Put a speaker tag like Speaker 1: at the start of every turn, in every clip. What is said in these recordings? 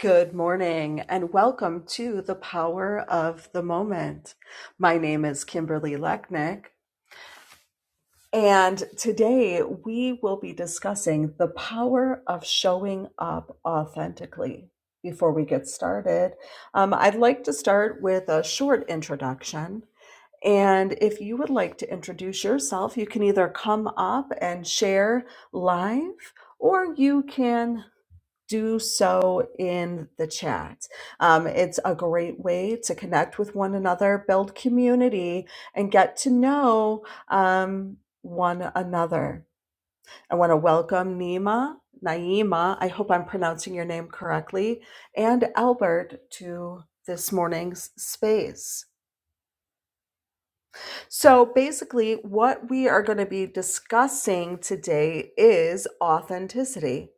Speaker 1: Good morning and welcome to the power of the moment. My name is Kimberly Lechnick, and today we will be discussing the power of showing up authentically. Before we get started, um, I'd like to start with a short introduction. And if you would like to introduce yourself, you can either come up and share live or you can do so in the chat. Um, it's a great way to connect with one another, build community, and get to know um, one another. I want to welcome Nima, Naima, I hope I'm pronouncing your name correctly, and Albert to this morning's space. So, basically, what we are going to be discussing today is authenticity.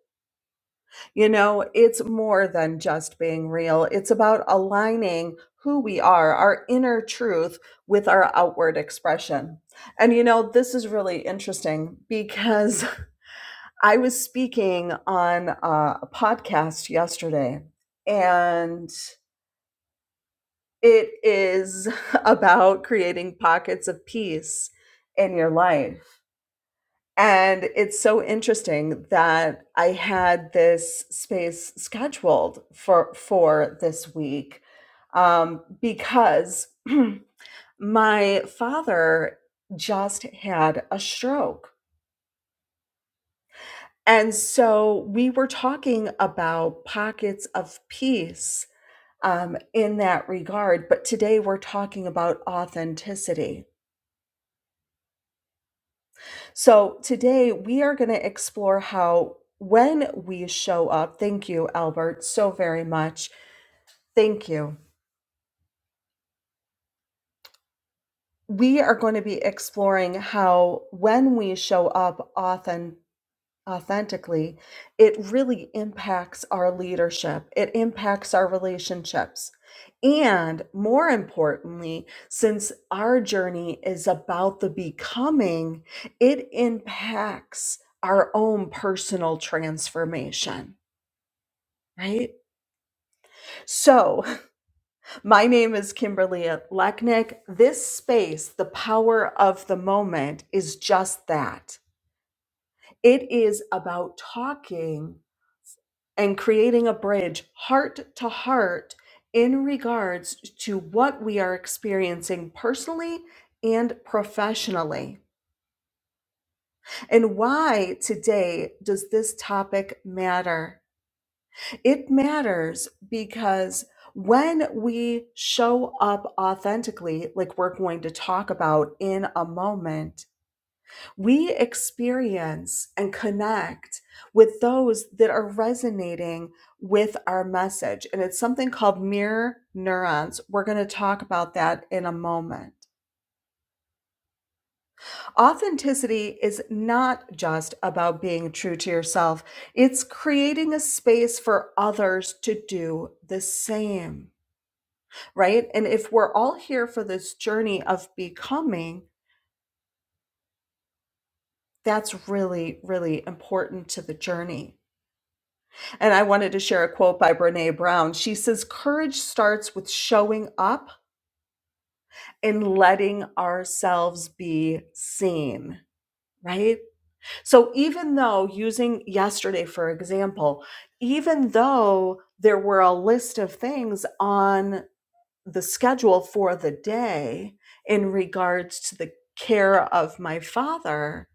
Speaker 1: You know, it's more than just being real. It's about aligning who we are, our inner truth, with our outward expression. And, you know, this is really interesting because I was speaking on uh, a podcast yesterday and it is about creating pockets of peace in your life. And it's so interesting that I had this space scheduled for for this week um, because my father just had a stroke. And so we were talking about pockets of peace um, in that regard, but today we're talking about authenticity. So, today we are going to explore how when we show up, thank you, Albert, so very much. Thank you. We are going to be exploring how when we show up often authentically, it really impacts our leadership, it impacts our relationships. And more importantly, since our journey is about the becoming, it impacts our own personal transformation. Right? So, my name is Kimberly Lechnick. This space, the power of the moment, is just that. It is about talking and creating a bridge heart to heart in regards to what we are experiencing personally and professionally. And why today does this topic matter? It matters because when we show up authentically, like we're going to talk about in a moment, we experience and connect with those that are resonating with our message. And it's something called mirror neurons. We're going to talk about that in a moment. Authenticity is not just about being true to yourself. It's creating a space for others to do the same. right? And if we're all here for this journey of becoming, that's really, really important to the journey. And I wanted to share a quote by Brene Brown. She says, Courage starts with showing up and letting ourselves be seen, right? So even though, using yesterday for example, even though there were a list of things on the schedule for the day in regards to the care of my father,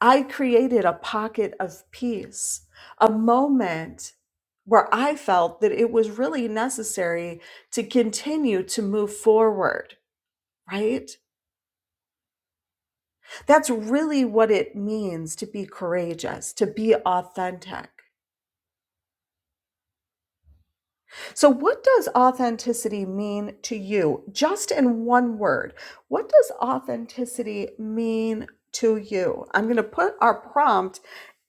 Speaker 1: I created a pocket of peace, a moment where I felt that it was really necessary to continue to move forward, right? That's really what it means to be courageous, to be authentic. So, what does authenticity mean to you? Just in one word, what does authenticity mean to you? I'm going to put our prompt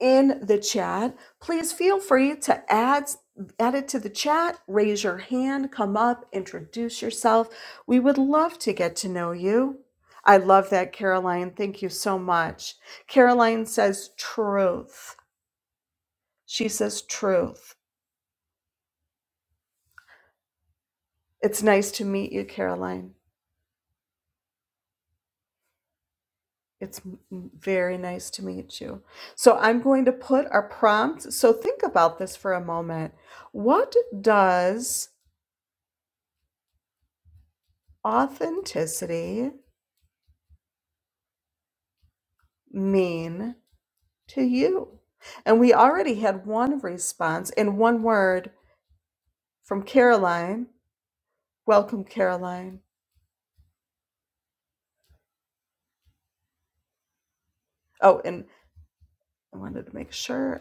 Speaker 1: in the chat. Please feel free to add add it to the chat, raise your hand, come up, introduce yourself. We would love to get to know you. I love that Caroline. Thank you so much. Caroline says truth. She says truth. It's nice to meet you, Caroline. It's very nice to meet you. So I'm going to put our prompt. So think about this for a moment. What does authenticity mean to you? And we already had one response in one word from Caroline. Welcome, Caroline. Oh, and I wanted to make sure.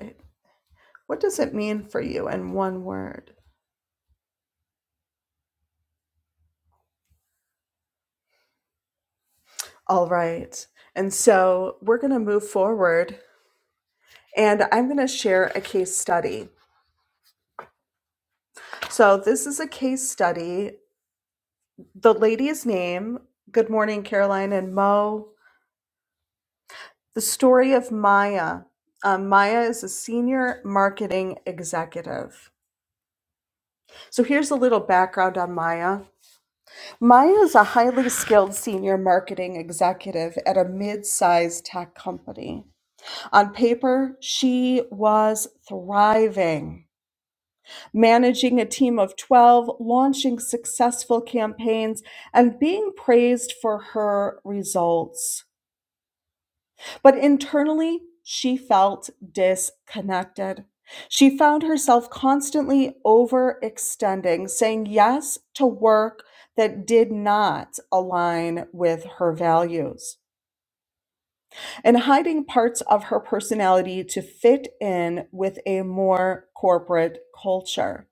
Speaker 1: What does it mean for you in one word? All right. And so we're going to move forward and I'm going to share a case study. So this is a case study. The lady's name, good morning, Caroline and Mo. The story of Maya. Um, Maya is a senior marketing executive. So here's a little background on Maya. Maya is a highly skilled senior marketing executive at a mid sized tech company. On paper, she was thriving. managing a team of 12, launching successful campaigns, and being praised for her results. But internally, she felt disconnected. She found herself constantly overextending, saying yes to work that did not align with her values and hiding parts of her personality to fit in with a more corporate culture.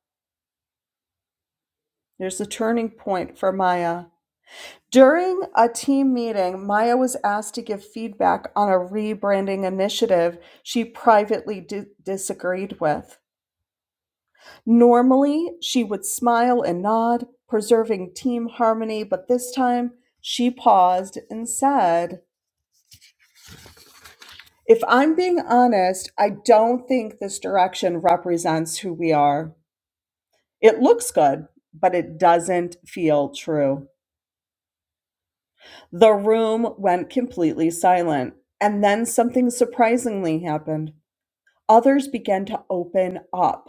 Speaker 1: There's a turning point for Maya During a team meeting, Maya was asked to give feedback on a rebranding initiative she privately di- disagreed with. Normally, she would smile and nod, preserving team harmony, but this time she paused and said, If I'm being honest, I don't think this direction represents who we are. It looks good, but it doesn't feel true. The room went completely silent, and then something surprisingly happened. Others began to open up.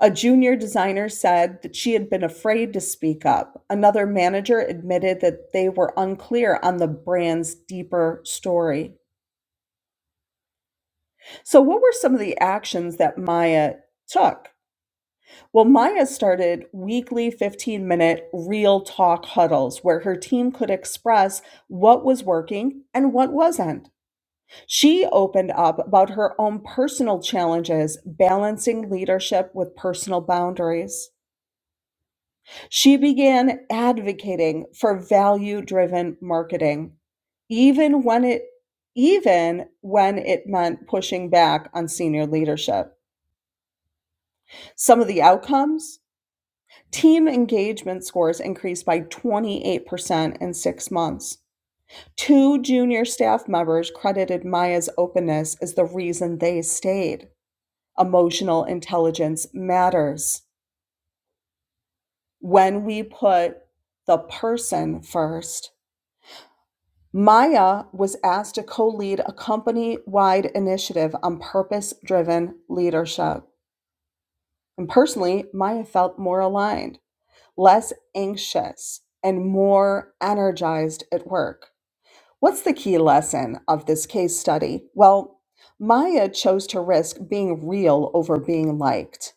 Speaker 1: A junior designer said that she had been afraid to speak up. Another manager admitted that they were unclear on the brand's deeper story. So, what were some of the actions that Maya took? Well, Maya started weekly 15 minute real talk huddles where her team could express what was working and what wasn't. She opened up about her own personal challenges balancing leadership with personal boundaries. She began advocating for value-driven marketing, even when it even when it meant pushing back on senior leadership. Some of the outcomes, team engagement scores increased by 28% in 6 months. Two junior staff members credited Maya's openness as the reason they stayed. emotional intelligence matters. When we put the person first, Maya was asked to co lead a company wide initiative on purpose driven leadership. And personally, Maya felt more aligned, less anxious, and more energized at work. What's the key lesson of this case study? Well, Maya chose to risk being real over being liked.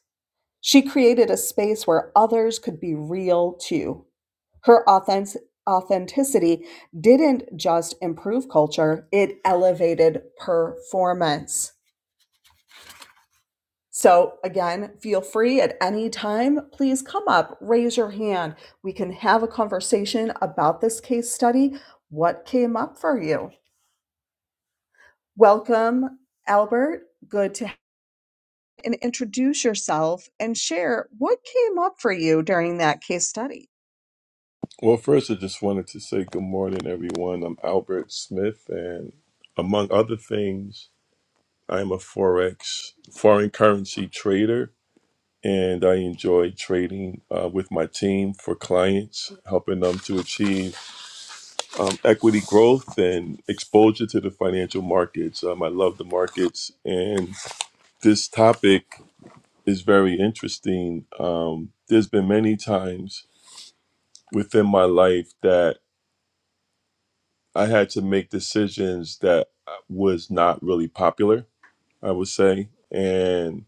Speaker 1: She created a space where others could be real too. Her authentic- authenticity didn't just improve culture, it elevated performance. So, again, feel free at any time. Please come up, raise your hand. We can have a conversation about this case study. What came up for you? Welcome, Albert. Good to have you. and introduce yourself and share what came up for you during that case study.
Speaker 2: Well, first, I just wanted to say good morning, everyone. I'm Albert Smith, and among other things, I'm a Forex foreign currency trader, and I enjoy trading uh, with my team for clients, helping them to achieve um, equity growth and exposure to the financial markets. Um, I love the markets, and this topic is very interesting. Um, there's been many times within my life that I had to make decisions that uh, was not really popular, I would say. And,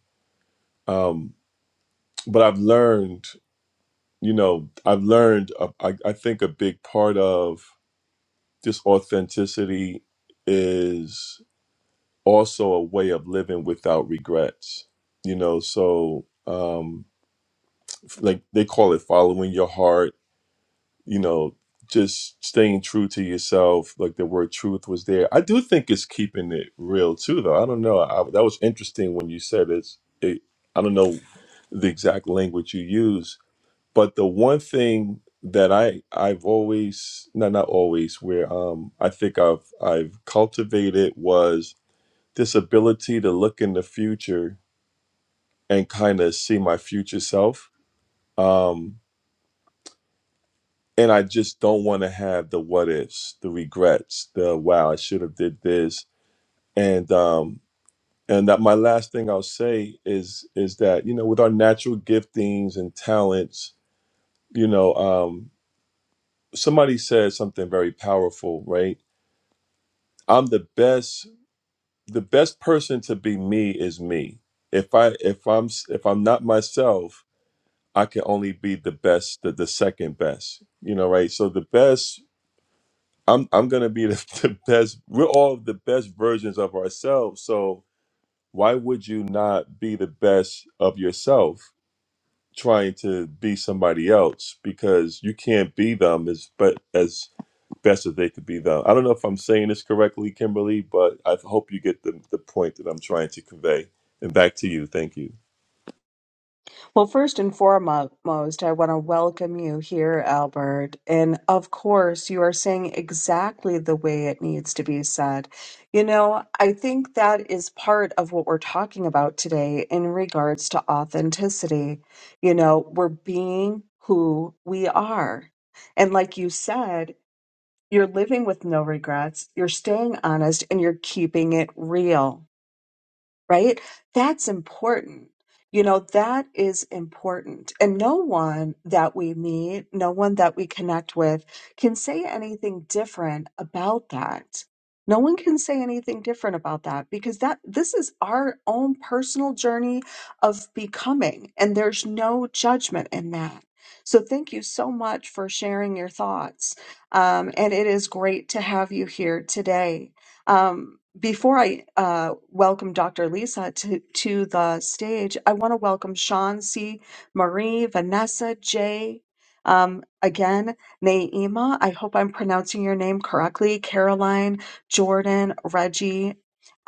Speaker 2: um, but I've learned, you know, I've learned, uh, I, I think a big part of this authenticity is also a way of living without regrets, you know, so, um, f- like they call it following your heart you know, just staying true to yourself, like the word truth was there. I do think it's keeping it real too, though. I don't know. I, that was interesting when you said it's. It, I don't know the exact language you use, but the one thing that I I've always no not always where um I think I've I've cultivated was this ability to look in the future and kind of see my future self. Um, and I just don't want to have the what ifs, the regrets, the wow, I should have did this. And um and that my last thing I'll say is is that, you know, with our natural giftings and talents, you know, um somebody said something very powerful, right? I'm the best the best person to be me is me. If I if I'm s- if I'm not myself, I can only be the best, the, the second best, you know, right? So the best I'm I'm gonna be the, the best. We're all the best versions of ourselves. So why would you not be the best of yourself trying to be somebody else? Because you can't be them as but as best as they could be them. I don't know if I'm saying this correctly, Kimberly, but I hope you get the, the point that I'm trying to convey. And back to you. Thank you.
Speaker 1: Well, first and foremost, I want to welcome you here, Albert. And of course, you are saying exactly the way it needs to be said. You know, I think that is part of what we're talking about today in regards to authenticity. You know, we're being who we are. And like you said, you're living with no regrets, you're staying honest, and you're keeping it real right? That's important. You know, that is important. And no one that we meet, no one that we connect with can say anything different about that. No one can say anything different about that because that this is our own personal journey of becoming and there's no judgment in that. So thank you so much for sharing your thoughts. Um, and it is great to have you here today. Um, before I uh, welcome Dr. Lisa to, to the stage, I want to welcome Sean C., Marie, Vanessa, Jay, um, again, Naima. I hope I'm pronouncing your name correctly. Caroline, Jordan, Reggie,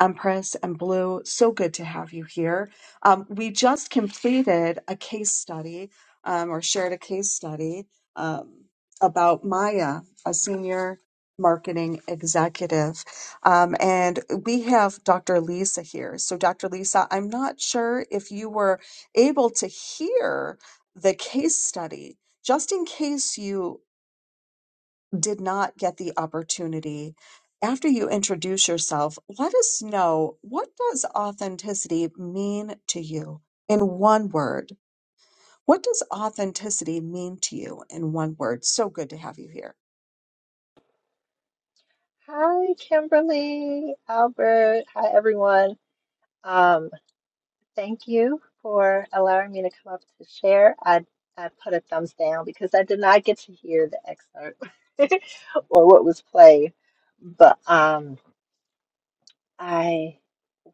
Speaker 1: Empress, and Blue. So good to have you here. Um, we just completed a case study um, or shared a case study um, about Maya, a senior marketing executive. Um, and we have Dr. Lisa here. So, Dr. Lisa, I'm not sure if you were able to hear the case study, just in case you did not get the opportunity. After you introduce yourself, let us know what does authenticity mean to you in one word? What does authenticity mean to you in one word? So good to have you here.
Speaker 3: Hi, Kimberly, Albert. Hi, everyone. Um, thank you for allowing me to come up to share. I I put a thumbs down because I did not get to hear the excerpt or what was played, but um. I,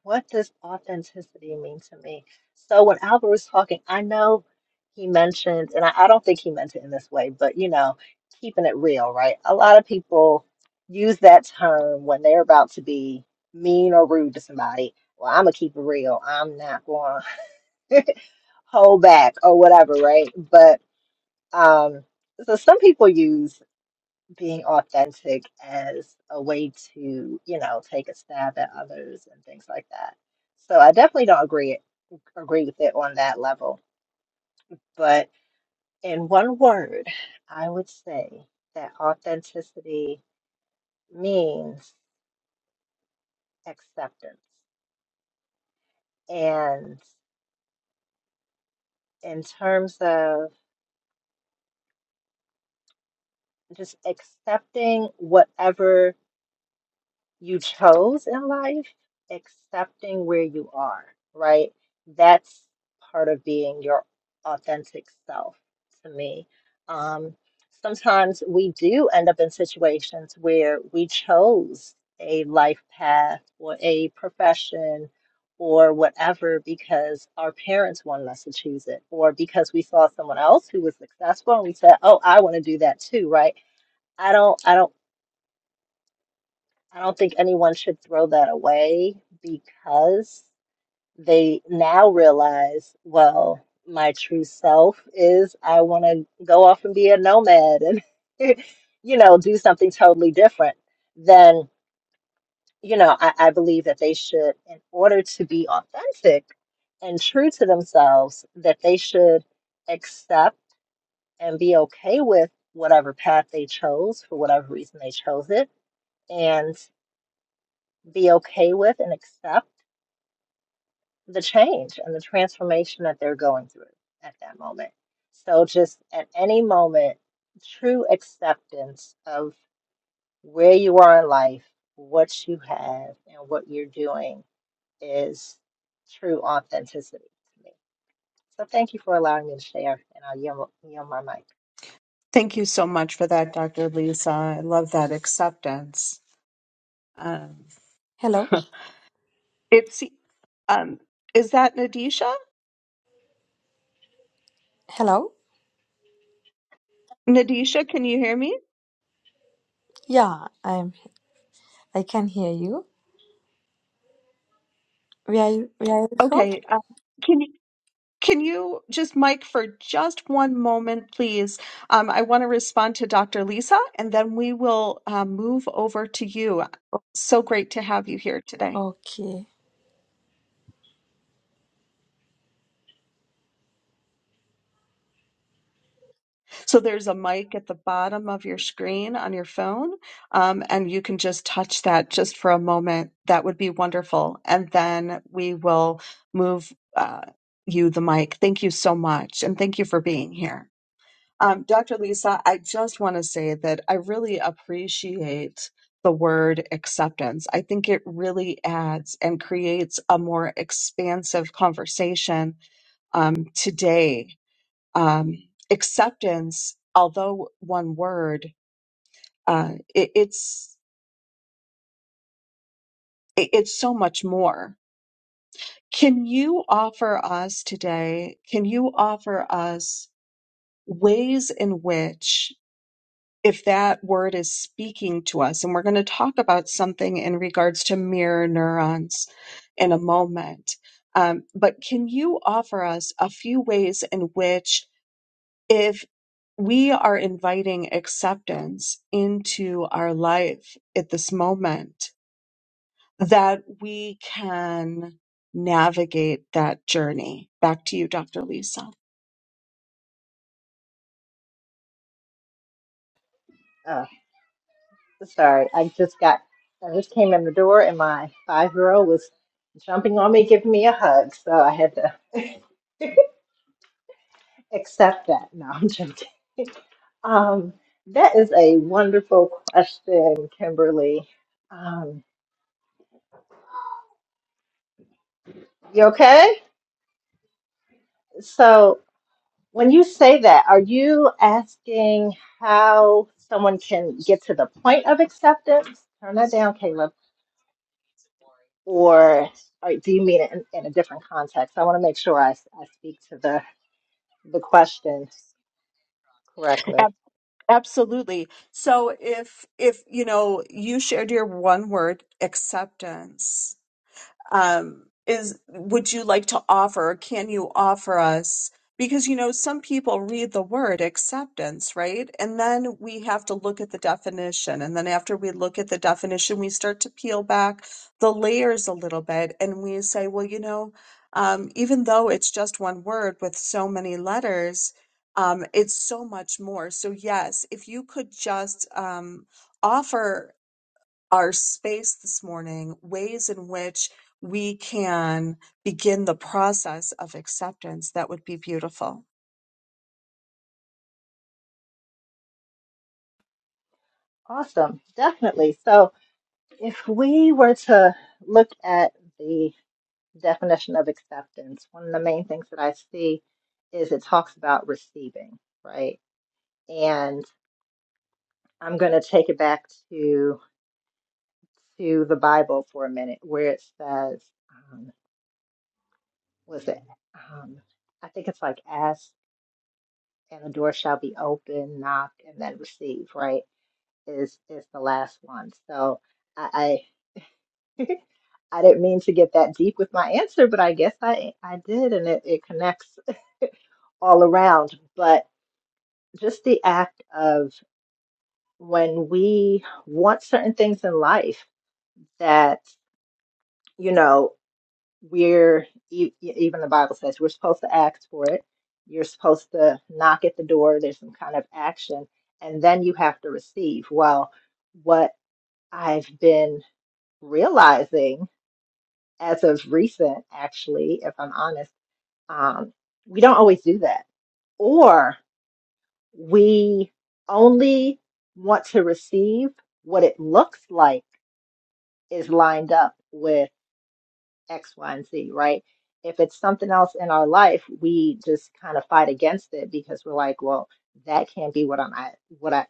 Speaker 3: what does authenticity mean to me? So when Albert was talking, I know he mentioned, and I, I don't think he meant it in this way, but you know, keeping it real, right? A lot of people use that term when they're about to be mean or rude to somebody. Well, I'm gonna keep it real. I'm not going to hold back or whatever, right? But um, so some people use being authentic as a way to, you know, take a stab at others and things like that. So I definitely don't agree agree with it on that level. But in one word, I would say that authenticity means acceptance. And in terms of just accepting whatever you chose in life, accepting where you are, right? That's part of being your authentic self to me. Um, sometimes we do end up in situations where we chose a life path or a profession or whatever because our parents wanted us to choose it or because we saw someone else who was successful and we said, "Oh, I want to do that too," right? I don't I don't I don't think anyone should throw that away because they now realize, well, my true self is I want to go off and be a nomad and, you know, do something totally different. Then, you know, I, I believe that they should, in order to be authentic and true to themselves, that they should accept and be okay with whatever path they chose for whatever reason they chose it and be okay with and accept the change and the transformation that they're going through at that moment. So, just at any moment, true acceptance of where you are in life, what you have, and what you're doing is true authenticity to me. So, thank you for allowing me to share, and I'll yield, yield my mic.
Speaker 1: Thank you so much for that, Dr. Lisa. I love that acceptance.
Speaker 4: Hello,
Speaker 1: It's um is that Nadisha?
Speaker 4: hello.
Speaker 1: Nadisha, can you hear me?
Speaker 4: Yeah, I'm. I can hear you. Where are you, where are you from?
Speaker 1: Okay. Um, can you can you just mic for just one moment, please? Um, I want to respond to Dr. Lisa, and then we will uh, move over to you. So great to have you here today.
Speaker 4: Okay.
Speaker 1: So there's a mic at the bottom of your screen on your phone, um, and you can just touch that just for a moment. That would be wonderful. And then we will move uh, you the mic. Thank you so much, and thank you for being here. Um, Dr. Lisa, I just want to say that I really appreciate the word acceptance. I think it really adds and creates a more expansive conversation um, today um, acceptance, although one word, uh, it, it's it, it's so much more. Can you offer us today? Can you offer us ways in which, if that word is speaking to us, and we're going to talk about something in regards to mirror neurons in a moment, um, but can you offer us a few ways in which if we are inviting acceptance into our life at this moment, that we can navigate that journey. Back to you, Dr. Lisa.
Speaker 3: Oh, sorry, I just got, I just came in the door, and my five year old was jumping on me, giving me a hug. So, I had to accept that. No, I'm joking. Um, that is a wonderful question, Kimberly. Um, you okay? So, when you say that, are you asking how someone can get to the point of acceptance? Turn that down, Caleb. Or, or do you mean it in, in a different context? I want to make sure I, I speak to the, the question correctly.
Speaker 1: Ab- Absolutely. So if if you know you shared your one word acceptance um, is would you like to offer can you offer us because you know some people read the word acceptance right and then we have to look at the definition and then after we look at the definition we start to peel back the layers a little bit and we say well you know um, even though it's just one word with so many letters um, it's so much more so yes if you could just um, offer our space this morning, ways in which we can begin the process of acceptance that would be beautiful.
Speaker 3: Awesome, definitely. So, if we were to look at the definition of acceptance, one of the main things that I see is it talks about receiving, right? And I'm going to take it back to to the Bible for a minute, where it says, um, "Was it? Um, I think it's like ask, and the door shall be open, knock, and then receive." Right? Is is the last one. So I, I I didn't mean to get that deep with my answer, but I guess I I did, and it, it connects all around. But just the act of when we want certain things in life that you know we're e- e- even the bible says we're supposed to ask for it you're supposed to knock at the door there's some kind of action and then you have to receive well what i've been realizing as of recent actually if i'm honest um, we don't always do that or we only want to receive what it looks like is lined up with X, Y, and Z, right? If it's something else in our life, we just kind of fight against it because we're like, well, that can't be what I'm at, what I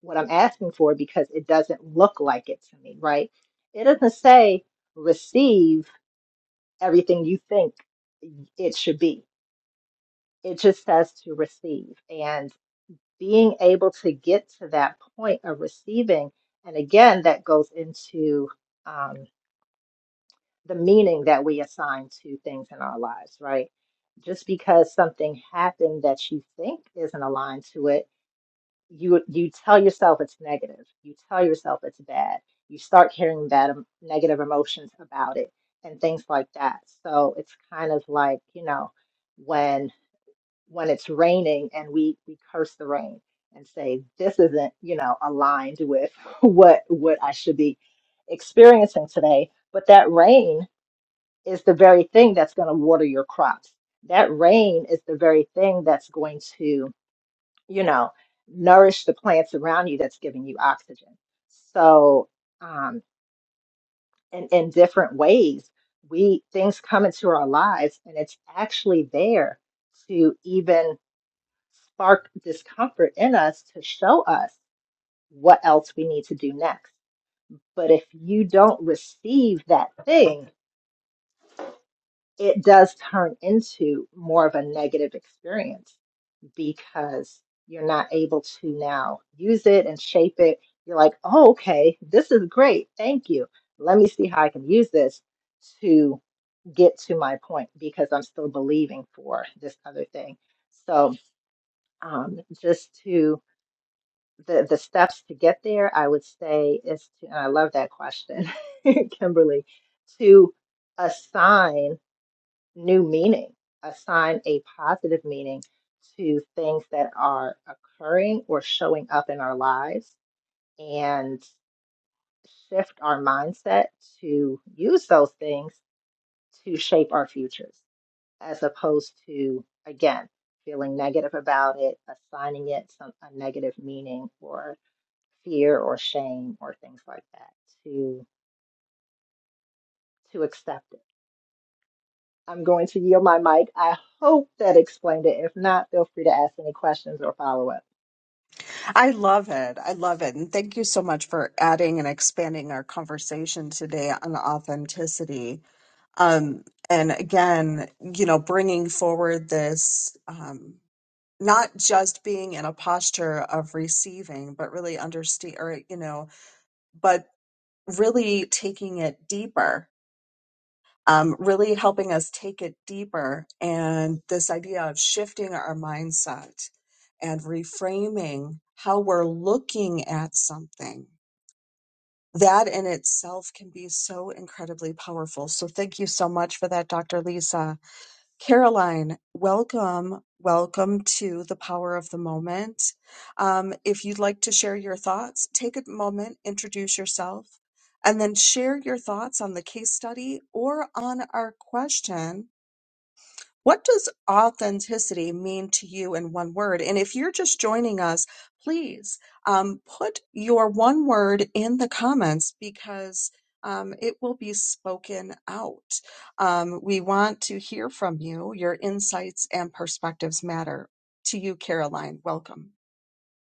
Speaker 3: what I'm asking for because it doesn't look like it to me, right? It doesn't say receive everything you think it should be. It just says to receive. And being able to get to that point of receiving. And again, that goes into um, the meaning that we assign to things in our lives, right? Just because something happened that you think isn't aligned to it, you you tell yourself it's negative. You tell yourself it's bad. You start carrying that um, negative emotions about it and things like that. So it's kind of like, you know, when when it's raining and we we curse the rain and say this isn't you know aligned with what what I should be experiencing today but that rain is the very thing that's going to water your crops that rain is the very thing that's going to you know nourish the plants around you that's giving you oxygen so um in, in different ways we things come into our lives and it's actually there to even spark discomfort in us to show us what else we need to do next. But if you don't receive that thing, it does turn into more of a negative experience because you're not able to now use it and shape it. You're like, oh, okay, this is great. Thank you. Let me see how I can use this to get to my point because I'm still believing for this other thing. So, um, just to the the steps to get there, I would say is to, and I love that question, Kimberly, to assign new meaning, assign a positive meaning to things that are occurring or showing up in our lives and shift our mindset to use those things to shape our futures as opposed to again feeling negative about it assigning it some a negative meaning or fear or shame or things like that to to accept it. I'm going to yield my mic. I hope that explained it. If not, feel free to ask any questions or follow up.
Speaker 1: I love it. I love it. And thank you so much for adding and expanding our conversation today on authenticity. Um, and again, you know, bringing forward this. Um, not just being in a posture of receiving, but really understand, or, you know, but really taking it deeper, um, really helping us take it deeper. And this idea of shifting our mindset and reframing how we're looking at something. That in itself can be so incredibly powerful. So, thank you so much for that, Dr. Lisa. Caroline, welcome, welcome to the power of the moment. Um, if you'd like to share your thoughts, take a moment, introduce yourself, and then share your thoughts on the case study or on our question what does authenticity mean to you in one word? And if you're just joining us, please um, put your one word in the comments because um, it will be spoken out. Um, we want to hear from you. Your insights and perspectives matter. To you, Caroline, welcome.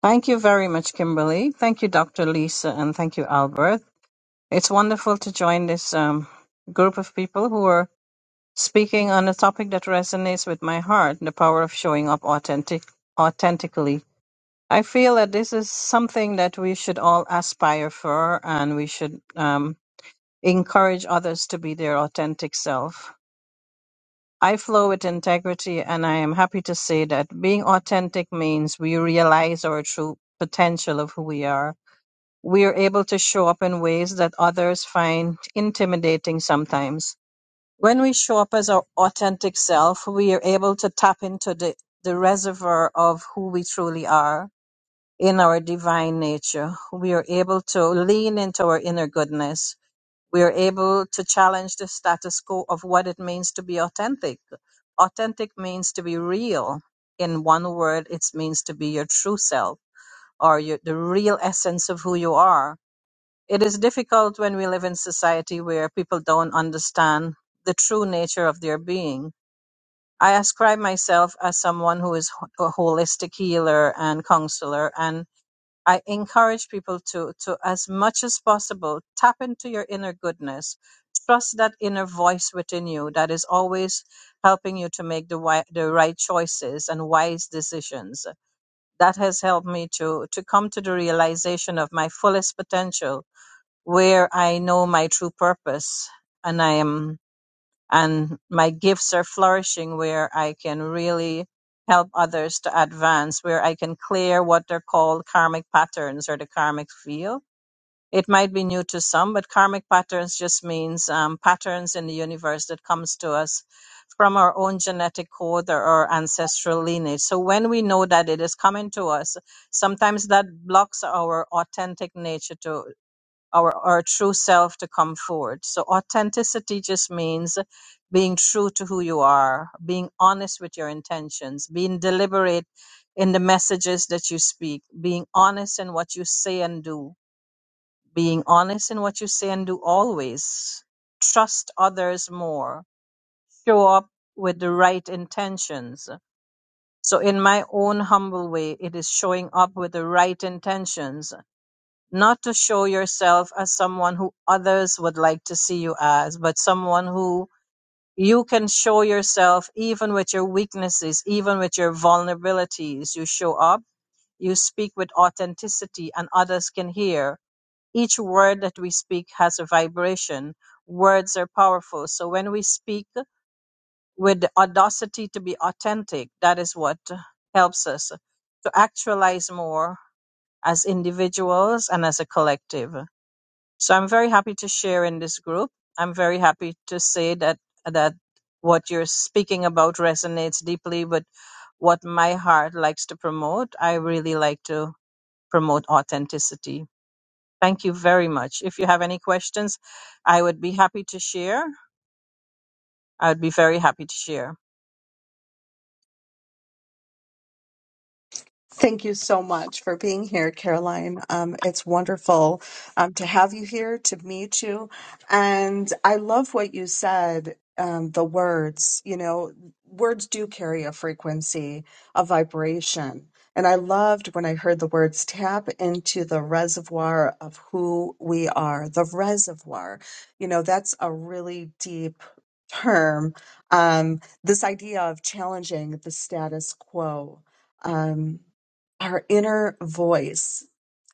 Speaker 5: Thank you very much, Kimberly. Thank you, Dr. Lisa, and thank you, Albert. It's wonderful to join this um, group of people who are speaking on a topic that resonates with my heart the power of showing up authentic, authentically. I feel that this is something that we should all aspire for, and we should um, encourage others to be their authentic self. I flow with integrity, and I am happy to say that being authentic means we realize our true potential of who we are we are able to show up in ways that others find intimidating sometimes. When we show up as our authentic self, we are able to tap into the, the reservoir of who we truly are in our divine nature. We are able to lean into our inner goodness. We are able to challenge the status quo of what it means to be authentic. Authentic means to be real. In one word, it means to be your true self or your, the real essence of who you are it is difficult when we live in society where people don't understand the true nature of their being. I ascribe myself as someone who is ho- a holistic healer and counselor, and I encourage people to, to, as much as possible, tap into your inner goodness. Trust that inner voice within you that is always helping you to make the, wi- the right choices and wise decisions. That has helped me to, to come to the realization of my fullest potential where I know my true purpose and I am and my gifts are flourishing where I can really help others to advance, where I can clear what they're called karmic patterns or the karmic field. It might be new to some, but karmic patterns just means um, patterns in the universe that comes to us from our own genetic code or our ancestral lineage. So when we know that it is coming to us, sometimes that blocks our authentic nature to our, our true self to come forward. So authenticity just means being true to who you are, being honest with your intentions, being deliberate in the messages that you speak, being honest in what you say and do, being honest in what you say and do always. Trust others more. Show up with the right intentions. So in my own humble way, it is showing up with the right intentions not to show yourself as someone who others would like to see you as, but someone who you can show yourself even with your weaknesses, even with your vulnerabilities. You show up, you speak with authenticity, and others can hear. Each word that we speak has a vibration. Words are powerful. So when we speak with the audacity to be authentic, that is what helps us to actualize more as individuals and as a collective. So I'm very happy to share in this group. I'm very happy to say that that what you're speaking about resonates deeply with what my heart likes to promote. I really like to promote authenticity. Thank you very much. If you have any questions, I would be happy to share. I would be very happy to share.
Speaker 1: Thank you so much for being here, Caroline. Um, it's wonderful um, to have you here, to meet you. And I love what you said um, the words, you know, words do carry a frequency, a vibration. And I loved when I heard the words tap into the reservoir of who we are, the reservoir. You know, that's a really deep term. Um, this idea of challenging the status quo. Um, our inner voice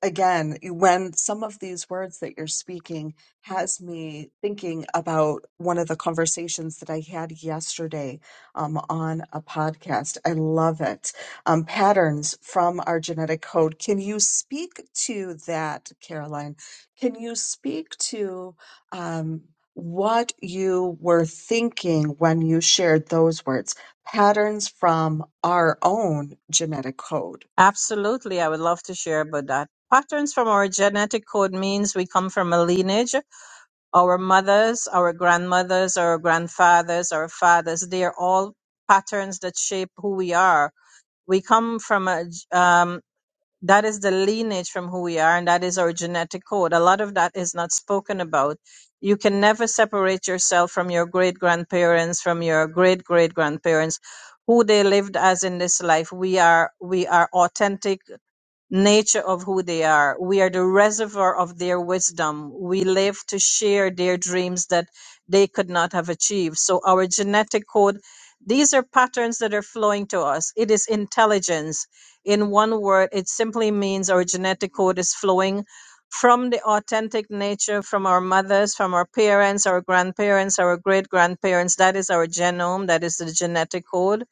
Speaker 1: again when some of these words that you're speaking has me thinking about one of the conversations that i had yesterday um, on a podcast i love it um, patterns from our genetic code can you speak to that caroline can you speak to um, what you were thinking when you shared those words patterns from our own genetic code
Speaker 5: Absolutely, I would love to share about that. Patterns from our genetic code means we come from a lineage Our mothers, our grandmothers, our grandfathers, our fathers, they are all patterns that shape who we are. We come from a—that um, that is the lineage from who we are, and that is our genetic code. A lot of that is not spoken about. You can never separate yourself from your great grandparents, from your great great grandparents, who they lived as in this life. We are we are authentic nature of who they are. We are the reservoir of their wisdom. We live to share their dreams that they could not have achieved. So, our genetic code, these are patterns that are flowing to us. It is intelligence. In one word, it simply means our genetic code is flowing from the authentic nature from our mothers, from our parents, our grandparents, our great grandparents. That is our genome, that is the genetic code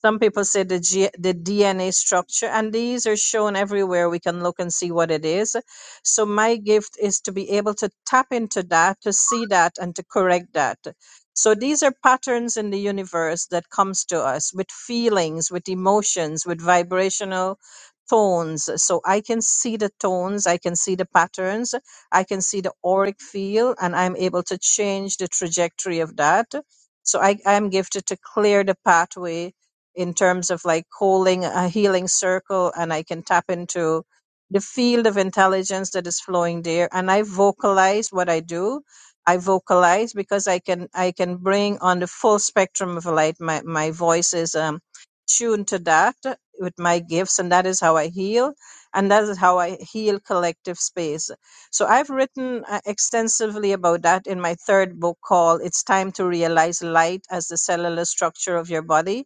Speaker 5: some people say the, G- the DNA structure, and these are shown everywhere. We can look and see what it is. So, my gift is to be able to tap into that, to see that, and to correct that. So, these are patterns in the universe that comes to us with feelings, with emotions, with vibrational tones. So, I can see the tones, I can see the patterns, I can see the auric field, and I'm able to change the trajectory of that. So, I am gifted to clear the pathway in terms of like holding a healing circle and I can tap into the field of intelligence that is flowing there and I vocalize what I do. I vocalize because I can I can bring on the full spectrum of light. My my voice is um tuned to that with my gifts and that is how I heal and that is how I heal collective space. So I've written uh, extensively about that in my third book called It's Time to Realize Light as the Cellular Structure of Your Body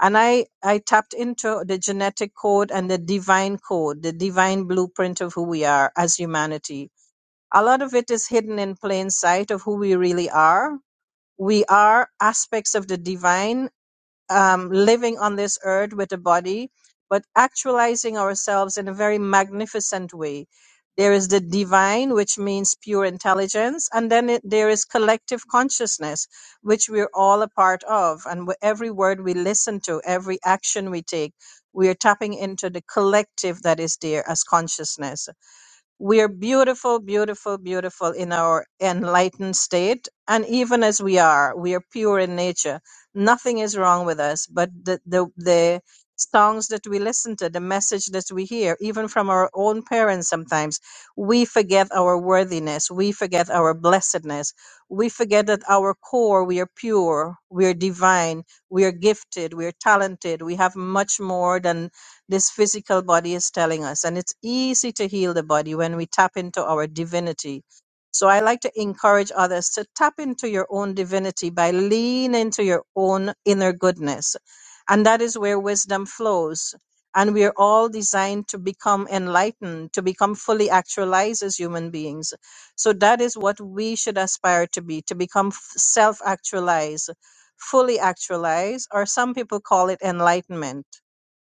Speaker 5: and I I tapped into the genetic code and the divine code, the divine blueprint of who we are as humanity. A lot of it is hidden in plain sight of who we really are. We are aspects of the divine um, living on this earth with a body, but actualizing ourselves in a very magnificent way. There is the divine, which means pure intelligence, and then it, there is collective consciousness, which we're all a part of. And wh- every word we listen to, every action we take, we are tapping into the collective that is there as consciousness. We are beautiful, beautiful, beautiful in our enlightened state. And even as we are, we are pure in nature. Nothing is wrong with us. But the, the, the songs that we listen to, the message that we hear, even from our own parents sometimes, we forget our worthiness. We forget our blessedness. We forget that our core, we are pure, we are divine, we are gifted, we are talented, we have much more than this physical body is telling us. And it's easy to heal the body when we tap into our divinity. So I like to encourage others to tap into your own divinity by leaning into your own inner goodness. And that is where wisdom flows. And we are all designed to become enlightened, to become fully actualized as human beings. So that is what we should aspire to be, to become self actualized, fully actualized, or some people call it enlightenment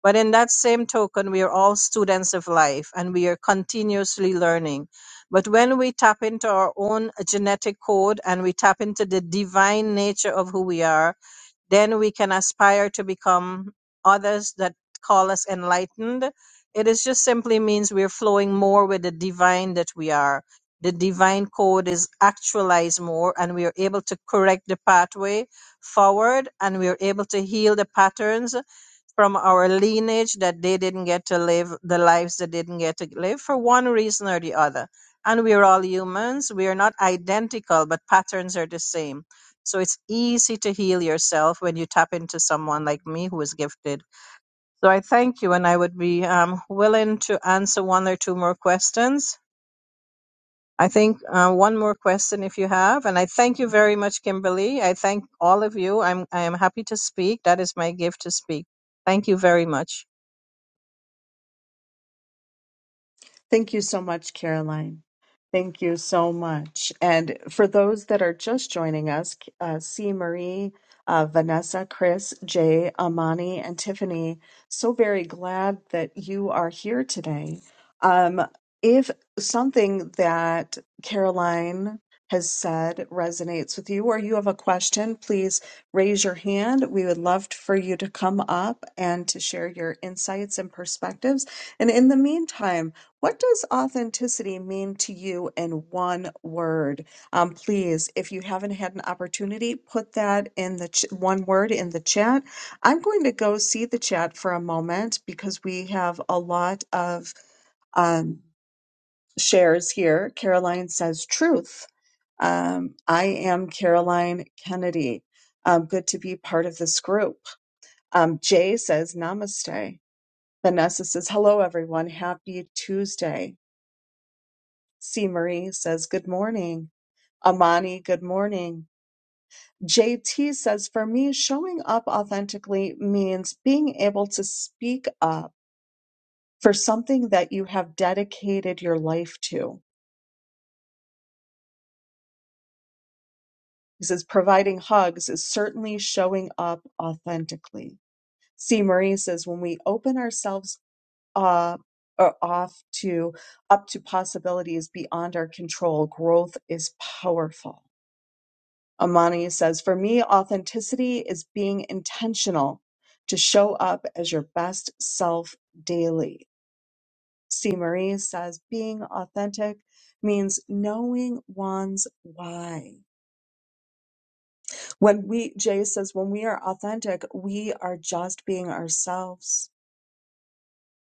Speaker 5: but in that same token, we are all students of life and we are continuously learning. But when we tap into our own genetic code and we tap into the divine nature of who we are, then we can aspire to become others that call us enlightened. It is just simply means we're flowing more with the divine that we are. The divine code is actualized more and we are able to correct the pathway forward and we are able to heal the patterns from our lineage that they didn't get to live the lives they didn't get to live for one reason or the other. And we're all humans. We are not identical, but patterns are the same. So it's easy to heal yourself when you tap into someone like me who is gifted. So I thank you, and I would be um, willing to answer one or two more questions. I think uh, one more question if you have, and I thank you very much, Kimberly. I thank all of you. I'm I am happy to speak. That is my gift to speak. Thank you very much.
Speaker 1: Thank you so much, Caroline. Thank you so much. And for those that are just joining us, uh, C. Marie, uh, Vanessa, Chris, Jay, Amani, and Tiffany, so very glad that you are here today. Um, if something that Caroline has said resonates with you or you have a question, please raise your hand. We would love for you to come up and to share your insights and perspectives. And in the meantime, what does authenticity mean to you in one word? Um, please, if you haven't had an opportunity, put that in the ch- one word in the chat. I'm going to go see the chat for a moment because we have a lot of um, shares here. Caroline says truth. Um, I am Caroline Kennedy. Um, good to be part of this group. Um, Jay says namaste. Vanessa says hello, everyone. Happy Tuesday. C. Marie says, Good morning. Amani, good morning. JT says, For me, showing up authentically means being able to speak up for something that you have dedicated your life to. He says, Providing hugs is certainly showing up authentically. C. Marie says, When we open ourselves up, or off to up to possibilities beyond our control, growth is powerful. Amani says, For me, authenticity is being intentional to show up as your best self daily. C. Marie says, Being authentic means knowing one's why. When we, Jay says, when we are authentic, we are just being ourselves.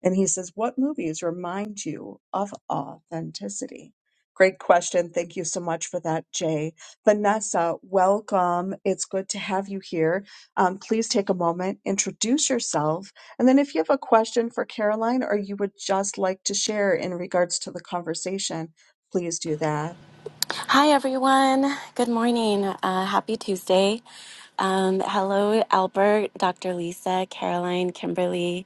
Speaker 1: And he says, What movies remind you of authenticity? Great question. Thank you so much for that, Jay. Vanessa, welcome. It's good to have you here. Um, please take a moment, introduce yourself. And then if you have a question for Caroline or you would just like to share in regards to the conversation, please do that.
Speaker 6: Hi, everyone. Good morning. Uh, happy Tuesday. Um, hello, Albert, Dr. Lisa, Caroline, Kimberly,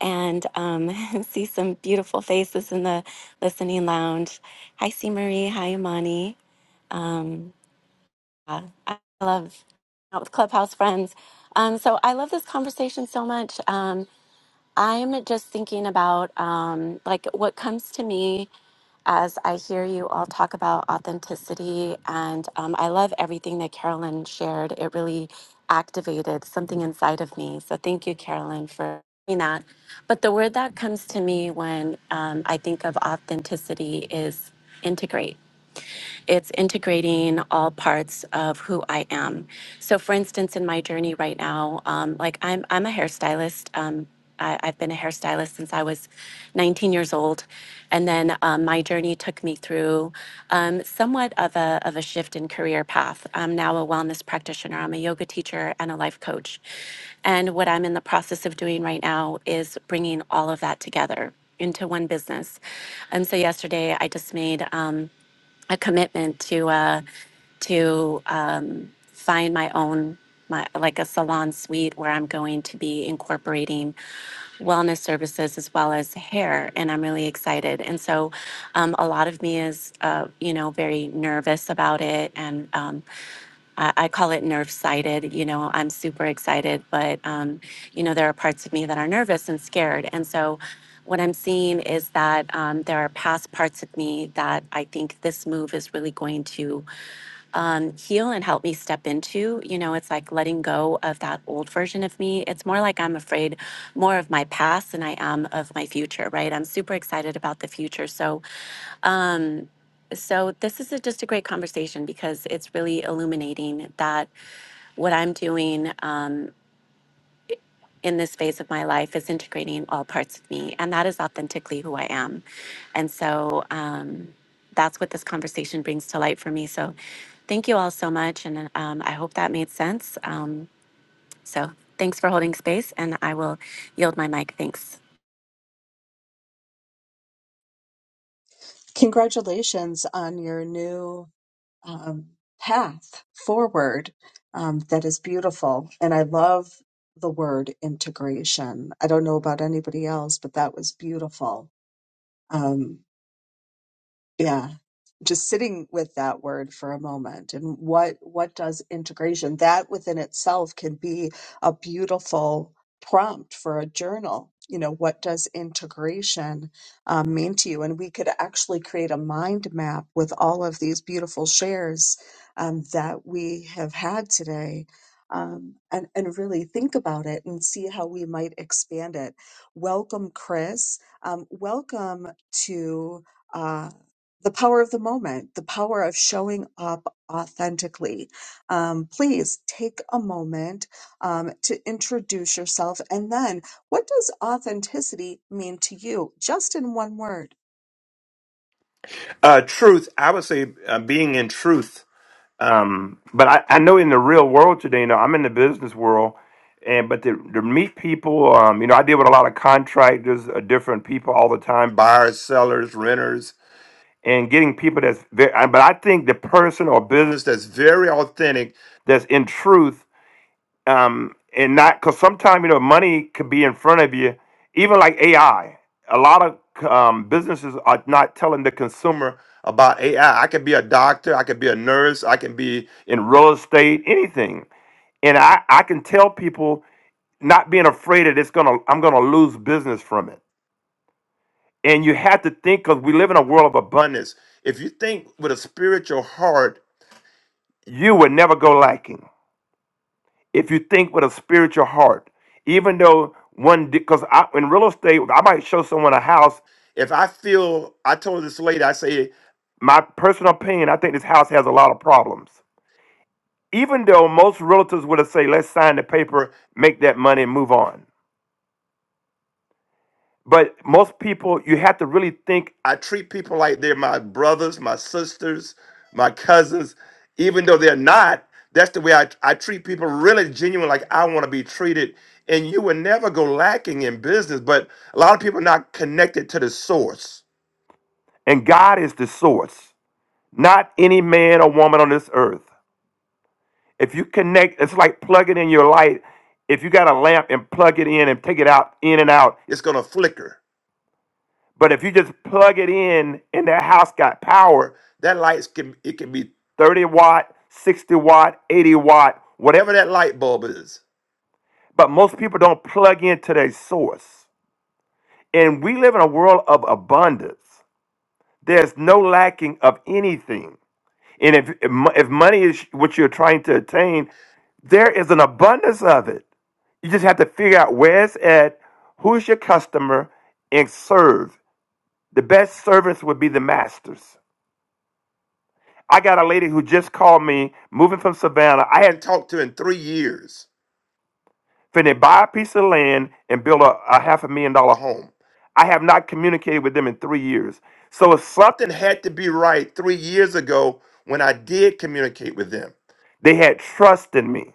Speaker 6: and um, see some beautiful faces in the listening lounge. Hi, C. Marie. Hi, Imani. Um, yeah, I love out with Clubhouse friends. Um, so I love this conversation so much. Um, I'm just thinking about um, like what comes to me as I hear you all talk about authenticity, and um, I love everything that Carolyn shared. It really activated something inside of me. So thank you, Carolyn, for doing that. But the word that comes to me when um, I think of authenticity is integrate it's integrating all parts of who I am. So, for instance, in my journey right now, um, like I'm, I'm a hairstylist. Um, I, I've been a hairstylist since I was 19 years old, and then um, my journey took me through um, somewhat of a of a shift in career path. I'm now a wellness practitioner. I'm a yoga teacher and a life coach, and what I'm in the process of doing right now is bringing all of that together into one business. And so yesterday, I just made. Um, a commitment to uh, to um, find my own my like a salon suite where I'm going to be incorporating wellness services as well as hair, and I'm really excited. And so, um, a lot of me is uh, you know very nervous about it and. Um, I, I call it nerve sighted. You know, I'm super excited, but, um, you know, there are parts of me that are nervous and scared. And so what I'm seeing is that um, there are past parts of me that I think this move is really going to um, heal and help me step into. You know, it's like letting go of that old version of me. It's more like I'm afraid more of my past than I am of my future, right? I'm super excited about the future. So, um, so this is a, just a great conversation because it's really illuminating that what I'm doing um, in this phase of my life is integrating all parts of me, and that is authentically who I am. And so um, that's what this conversation brings to light for me. So thank you all so much, and um, I hope that made sense. Um, so thanks for holding space, and I will yield my mic. Thanks.
Speaker 1: Congratulations on your new um, path forward um, that is beautiful. And I love the word integration. I don't know about anybody else, but that was beautiful. Um, yeah. Just sitting with that word for a moment and what what does integration that within itself can be a beautiful prompt for a journal. You know, what does integration um, mean to you? And we could actually create a mind map with all of these beautiful shares um, that we have had today um, and, and really think about it and see how we might expand it. Welcome, Chris. Um, welcome to. uh, the power of the moment, the power of showing up authentically. Um, please take a moment um, to introduce yourself. And then, what does authenticity mean to you? Just in one word.
Speaker 7: Uh, truth, I would say uh, being in truth. Um, but I, I know in the real world today, you know, I'm in the business world, and but to, to meet people, um, you know, I deal with a lot of contractors, uh, different people all the time, buyers, sellers, renters, and getting people that's very. But I think the person or business that's very authentic, that's in truth um, and not because sometimes you know money could be in front of you. Even like AI, a lot of um, businesses are not telling the consumer about AI. I I could be a doctor, I could be a nurse, I can be in real estate, anything, and I I can tell people not being afraid that it's gonna I'm gonna lose business from it. And you have to think because we live in a world of abundance. If you think with a spiritual heart, you would never go lacking if you think with a spiritual heart, even though one, because I in real estate, I might show someone a house. If I feel, I told this lady, I say, my personal opinion, I think this house has a lot of problems. Even though most realtors would have say, let's sign the paper, make that money, and move on. But most people, you have to really think. I treat people like they're my brothers, my sisters, my cousins, even though they're not. That's the way I, I treat people really genuine, like I want to be treated. And you will never go lacking in business, but a lot of people are not connected to the source. And God is the source, not any man or woman on this earth. If you connect, it's like plugging in your light. If you got a lamp and plug it in and take it out, in and out, It's going to flicker. But if you just plug it in and that house got power, that lights can it can be 30 watt, 60 watt, 80 watt, whatever that light bulb is. But most people don't plug into their source. And we live in a world of abundance. There's no lacking of anything. And if if mo- if money is what you're trying to attain, there is an abundance of it. You just have to figure out where it's at, who's your customer, and serve. The best servants would be the masters. I got a lady who just called me, moving from Savannah. I hadn't talked to in three years. Finna buy a piece of land and build a, a half a million dollar home. I have not communicated with them in three years. So if something had to be right three years ago when I did communicate with them, they had trust in me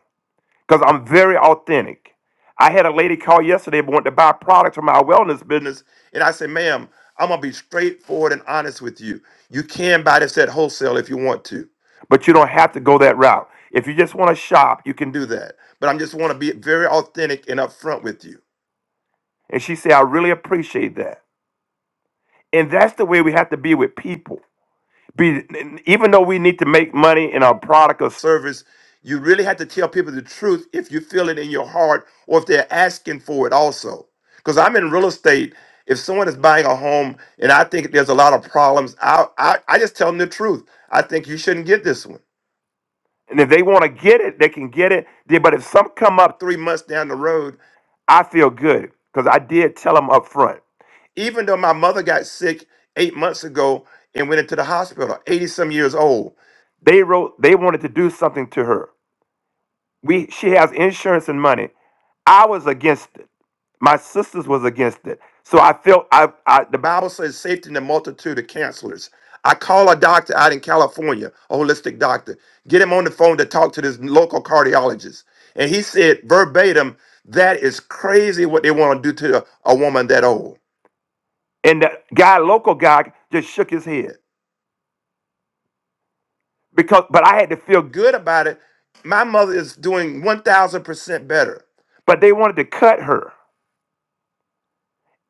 Speaker 7: because I'm very authentic. I had a lady call yesterday but wanted to buy products from my wellness business, and I said, ma'am, I'm gonna be straightforward and honest with you. You can buy this at wholesale if you want to, but you don't have to go that route. If you just want to shop, you can do that. But I just want to be very authentic and upfront with you. And she said, I really appreciate that. And that's the way we have to be with people be even though we need to make money in our product or service you really have to tell people the truth if you feel it in your heart or if they're asking for it also because i'm in real estate if someone is buying a home and i think there's a lot of problems i i, I just tell them the truth i think you shouldn't get this one and if they want to get it they can get it Then- but if some come up three months down the road i feel good because i did tell them up front even though my mother got sick eight months ago and went into the hospital, 80 some years old, they wrote they wanted to do something to her. We she has insurance and money. I was against it. My sisters was against it. So I felt I, I the Bible says safety in the multitude of counselors. I call a doctor out in California, a holistic doctor, get him on the phone to talk to this local cardiologist. And he said verbatim, that is crazy what they want to do to a, a woman that old. And the guy, local guy, just shook his head because. But I had to feel good about it. My mother is doing one thousand percent better. But they wanted to cut her,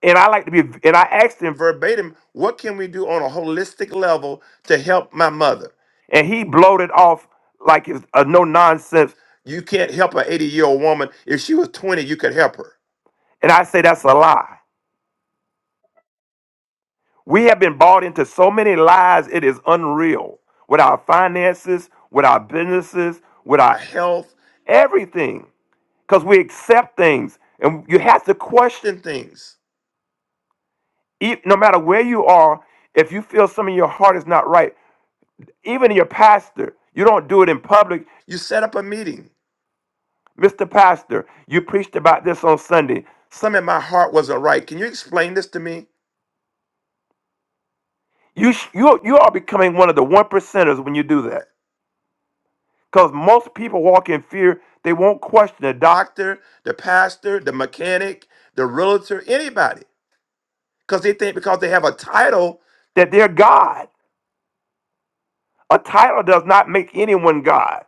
Speaker 7: and I like to be. And I asked him verbatim, "What can we do on a holistic level to help my mother?" And he bloated off like it's a no nonsense. You can't help an eighty year old woman. If she was twenty, you could help her. And I say that's a lie. We have been bought into so many lies, it is unreal. With our finances, with our businesses, with our health, everything. Because we accept things and you have to question things. E- No matter where you are, if you feel something in your heart is not right, even your pastor, you don't do it in public. You set up a meeting. Mr. Pastor, you preached about this on Sunday. Some in my heart wasn't right. Can you explain this to me? You, sh- you, you are becoming one of the one percenters when you do that. Because most people walk in fear. They won't question the doctor, the pastor, the mechanic, the realtor, anybody. Because they think because they have a title that they're God. A title does not make anyone God.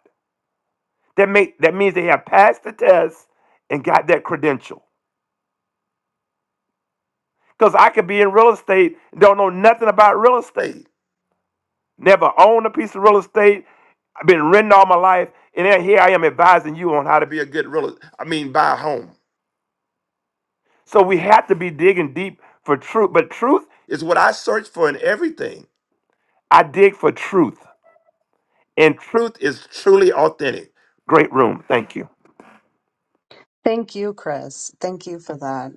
Speaker 7: That make that means they have passed the test and got that credential. Because I could be in real estate, don't know nothing about real estate. Never owned a piece of real estate. I've been renting all my life. And then here I am advising you on how to be a good real, I mean, buy a home. So we have to be digging deep for truth. But truth, It's what I search for in everything. I dig for truth. And Truth is truly authentic. great room. Thank you.
Speaker 1: Thank you, Chris. Thank you for that.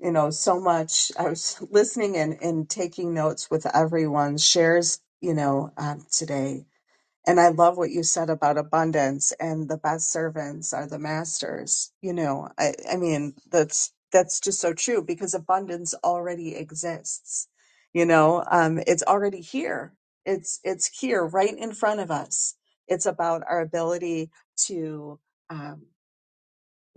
Speaker 1: You know, so much. I was listening and, and taking notes with everyone's shares, you know, um, today And I love what you said about abundance and the best servants are the masters. You know, I, I mean, that's that's just so true because abundance already exists. You know, um, it's already here. It's it's here right in front of us. It's about our ability to um,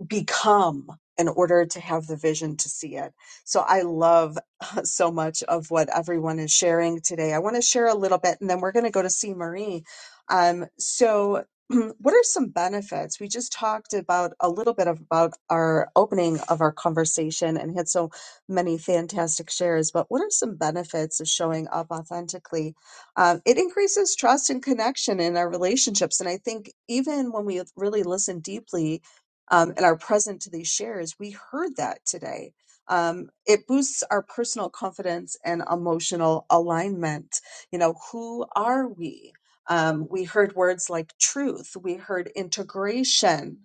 Speaker 1: become in order to have the vision to see it. So I love uh, so much of what everyone is sharing today. I want to share a little bit and then we're going to go to see Marie. Um, so what are some benefits? We just talked about a little bit of, about our opening of our conversation and had so many fantastic shares, but what are some benefits of showing up authentically um, it increases trust and connection in our relationships. And I think even when we really listen deeply, um, and are present to these shares, we heard that today. Um, it boosts our personal confidence and emotional alignment. You know, who are we? Um, we heard words like truth. We heard integration.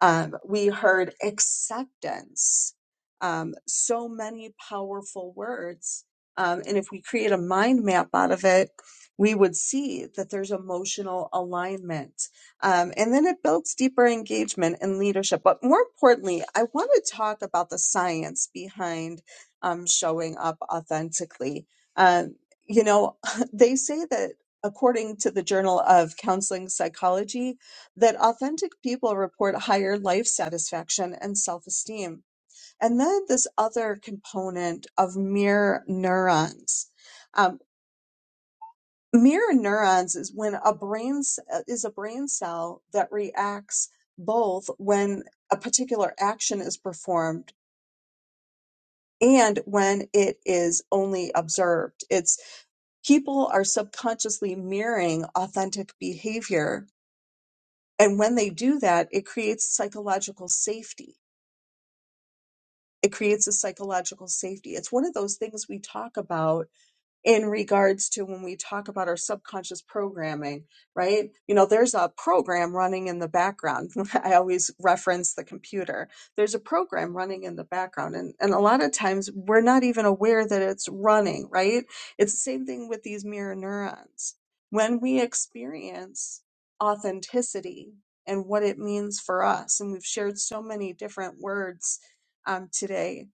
Speaker 1: Um, we heard acceptance, um, so many powerful words. Um, and if we create a mind map out of it, we would see that there's emotional alignment. Um, and then it builds deeper engagement and leadership. But more importantly, I want to talk about the science behind um, showing up authentically. Um, you know, they say that according to the Journal of Counseling Psychology, that authentic people report higher life satisfaction and self esteem. And then this other component of mirror neurons. Um, mirror neurons is when a brain is a brain cell that reacts both when a particular action is performed and when it is only observed. It's people are subconsciously mirroring authentic behavior. And when they do that, it creates psychological safety It creates a psychological safety. It's one of those things we talk about in regards to when we talk about our subconscious programming, right? You know, there's a program running in the background. I always reference the computer. There's a program running in the background. And, and a lot of times we're not even aware that it's running, right? It's the same thing with these mirror neurons. When we experience authenticity and what it means for us, and we've shared so many different words um, today,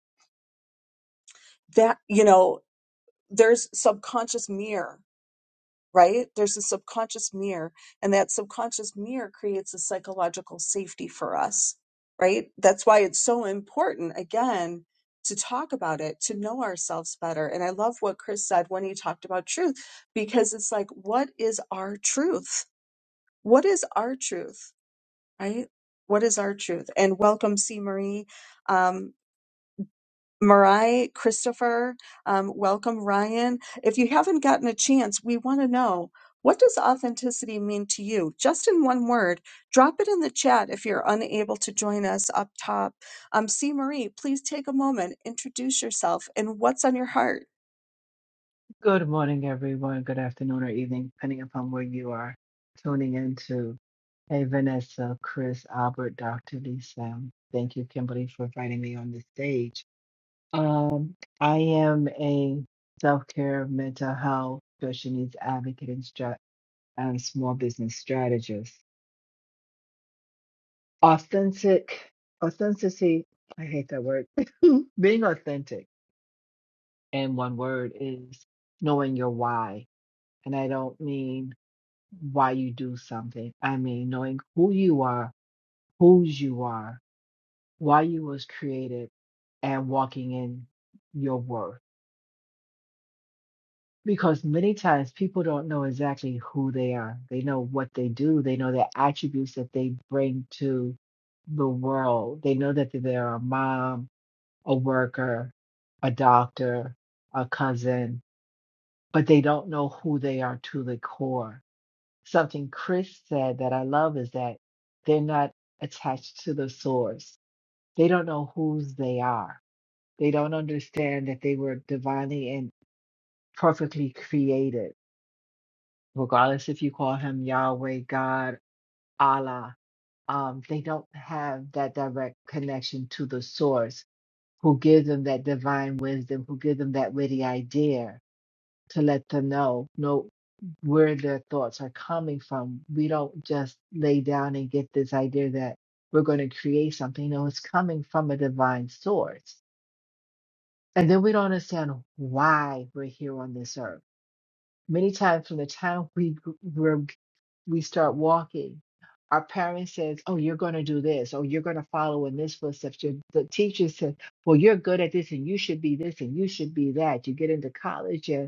Speaker 1: that, you know, there's subconscious mirror right? There's a subconscious mirror, and that subconscious mirror creates a psychological safety for us, right? That's why it's so important, again, to talk about it, to know ourselves better. And I love what Chris said when he talked about truth, because it's like, what is our truth? What is our truth, right? What is our truth? And welcome, C. Marie. Um, Mariah, Christopher, um, welcome, Ryan. If you haven't gotten a chance, we want to know what does authenticity mean to you? Just in one word, drop it in the chat if you're unable to join us up top. Um, C. Marie, please take a moment, introduce yourself, and what's on your heart.
Speaker 8: Good morning, everyone. Good afternoon or evening, depending upon where you are tuning into. Hey, Vanessa, Chris, Albert, Dr. Lisa. Thank you, Kimberly, for inviting me on the stage. Um, I am a self care, mental health, special needs advocate, and, stra- and small business strategist. Authentic, authenticity, I hate that word. Being authentic in one word is knowing your why. And I don't mean why you do something. I mean, knowing who you are, whose you are, why you was created, and walking in your worth. Because many times people don't know exactly who they are. They know what they do. They know the attributes that they bring to the world. They know that they're a mom, a worker, a doctor, a cousin, but they don't know who they are to the core something Chris said that I love is that they're not attached to the source. They don't know whose they are. They don't understand that they were divinely and perfectly created. Regardless if you call him Yahweh, God, Allah, um, they don't have that direct connection to the source who gives them that divine wisdom, who gives them that witty idea to let them know, no. where their thoughts are coming from. We don't just lay down and get this idea that we're going to create something. No, it's coming from a divine source. And then we don't understand why we're here on this earth. Many times from the time we gr- we're, we start walking, our parents says, "Oh, you're going to do this. Oh, you're going to follow in this footsteps." Your, the teacher says, "Well, you're good at this, and you should be this, and you should be that." You get into college, and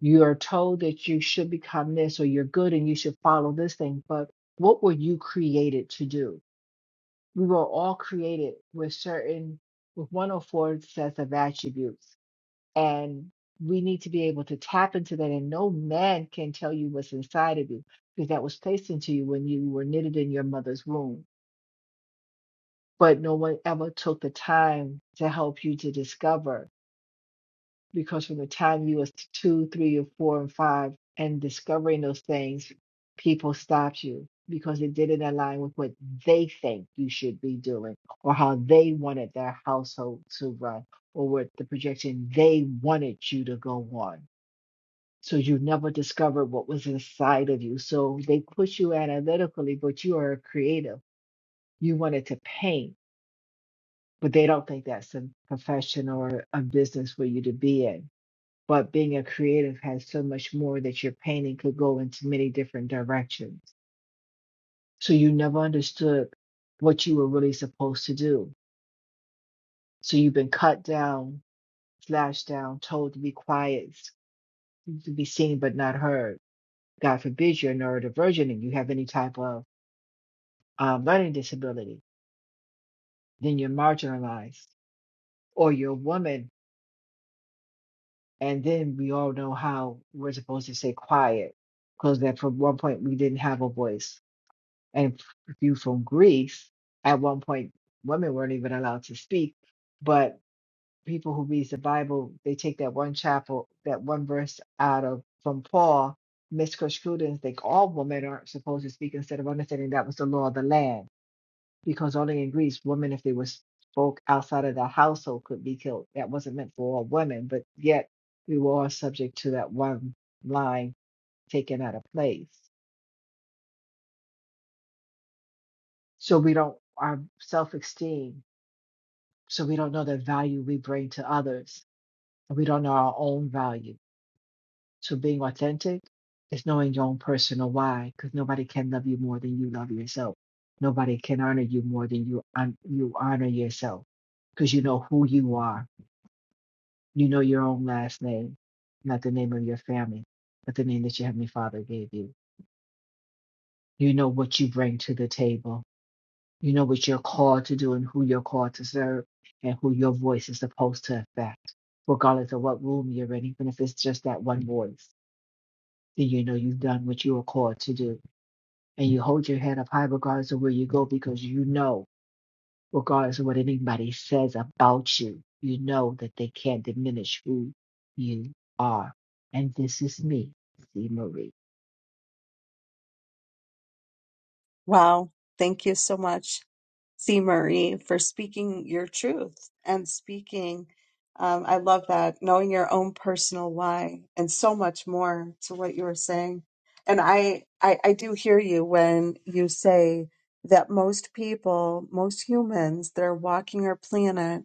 Speaker 8: you are told that you should become this or you're good and you should follow this thing but what were you created to do we were all created with certain with one or four sets of attributes and we need to be able to tap into that and no man can tell you what's inside of you because that was placed into you when you were knitted in your mother's womb but no one ever took the time to help you to discover because from the time you was two, three, or four, and five, and discovering those things, people stopped you because it didn't align with what they think you should be doing or how they wanted their household to run or what the projection they wanted you to go on. So you never discovered what was inside of you. So they push you analytically, but you are a creative. You wanted to paint, but they don't think that's a profession or a business for you to be in but being a creative has so much more that your painting could go into many different directions. So you never understood what you were really supposed to do. So you've been cut down, slashed down, told to be quiet, to be seen but not heard. God forbid you're neurodivergent and you have any type of um, learning disability, then you're marginalized, or you're a woman, and then we all know how we're supposed to stay quiet because that for one point we didn't have a voice and view from Greece. At one point, women weren't even allowed to speak, but people who reads the Bible, they take that one chapel, that one verse out of from Paul, misconstrued it and think all women aren't supposed to speak instead of understanding that was the law of the land. Because only in Greece, women, if they were spoke outside of the household, could be killed. That wasn't meant for all women, but yet we were all subject to that one line taken out of place. So we don't our self esteem. So we don't know the value we bring to others. And we don't know our own value. So being authentic is knowing your own personal why, because nobody can love you more than you love yourself. Nobody can honor you more than you hon- you honor yourself, because you know who you are. You know your own last name, not the name of your family, but the name that your heavenly Father gave you. You know what you bring to the table You know what you're called to do and who you're called to serve and who your voice is supposed to affect, regardless of what room you're in, even if it's just that one voice. Then you know you've done what you were called to do. And you hold your head up high regardless of where you go because you know, regardless of what anybody says about you, you know that they can't diminish who you are. And this is me, C. Marie.
Speaker 1: Wow. Thank you so much, C. Marie, for speaking your truth and speaking. Um, I love that, knowing your own personal why and so much more to what you were saying. And I, I, I do hear you when you say that most people, most humans that are walking our planet,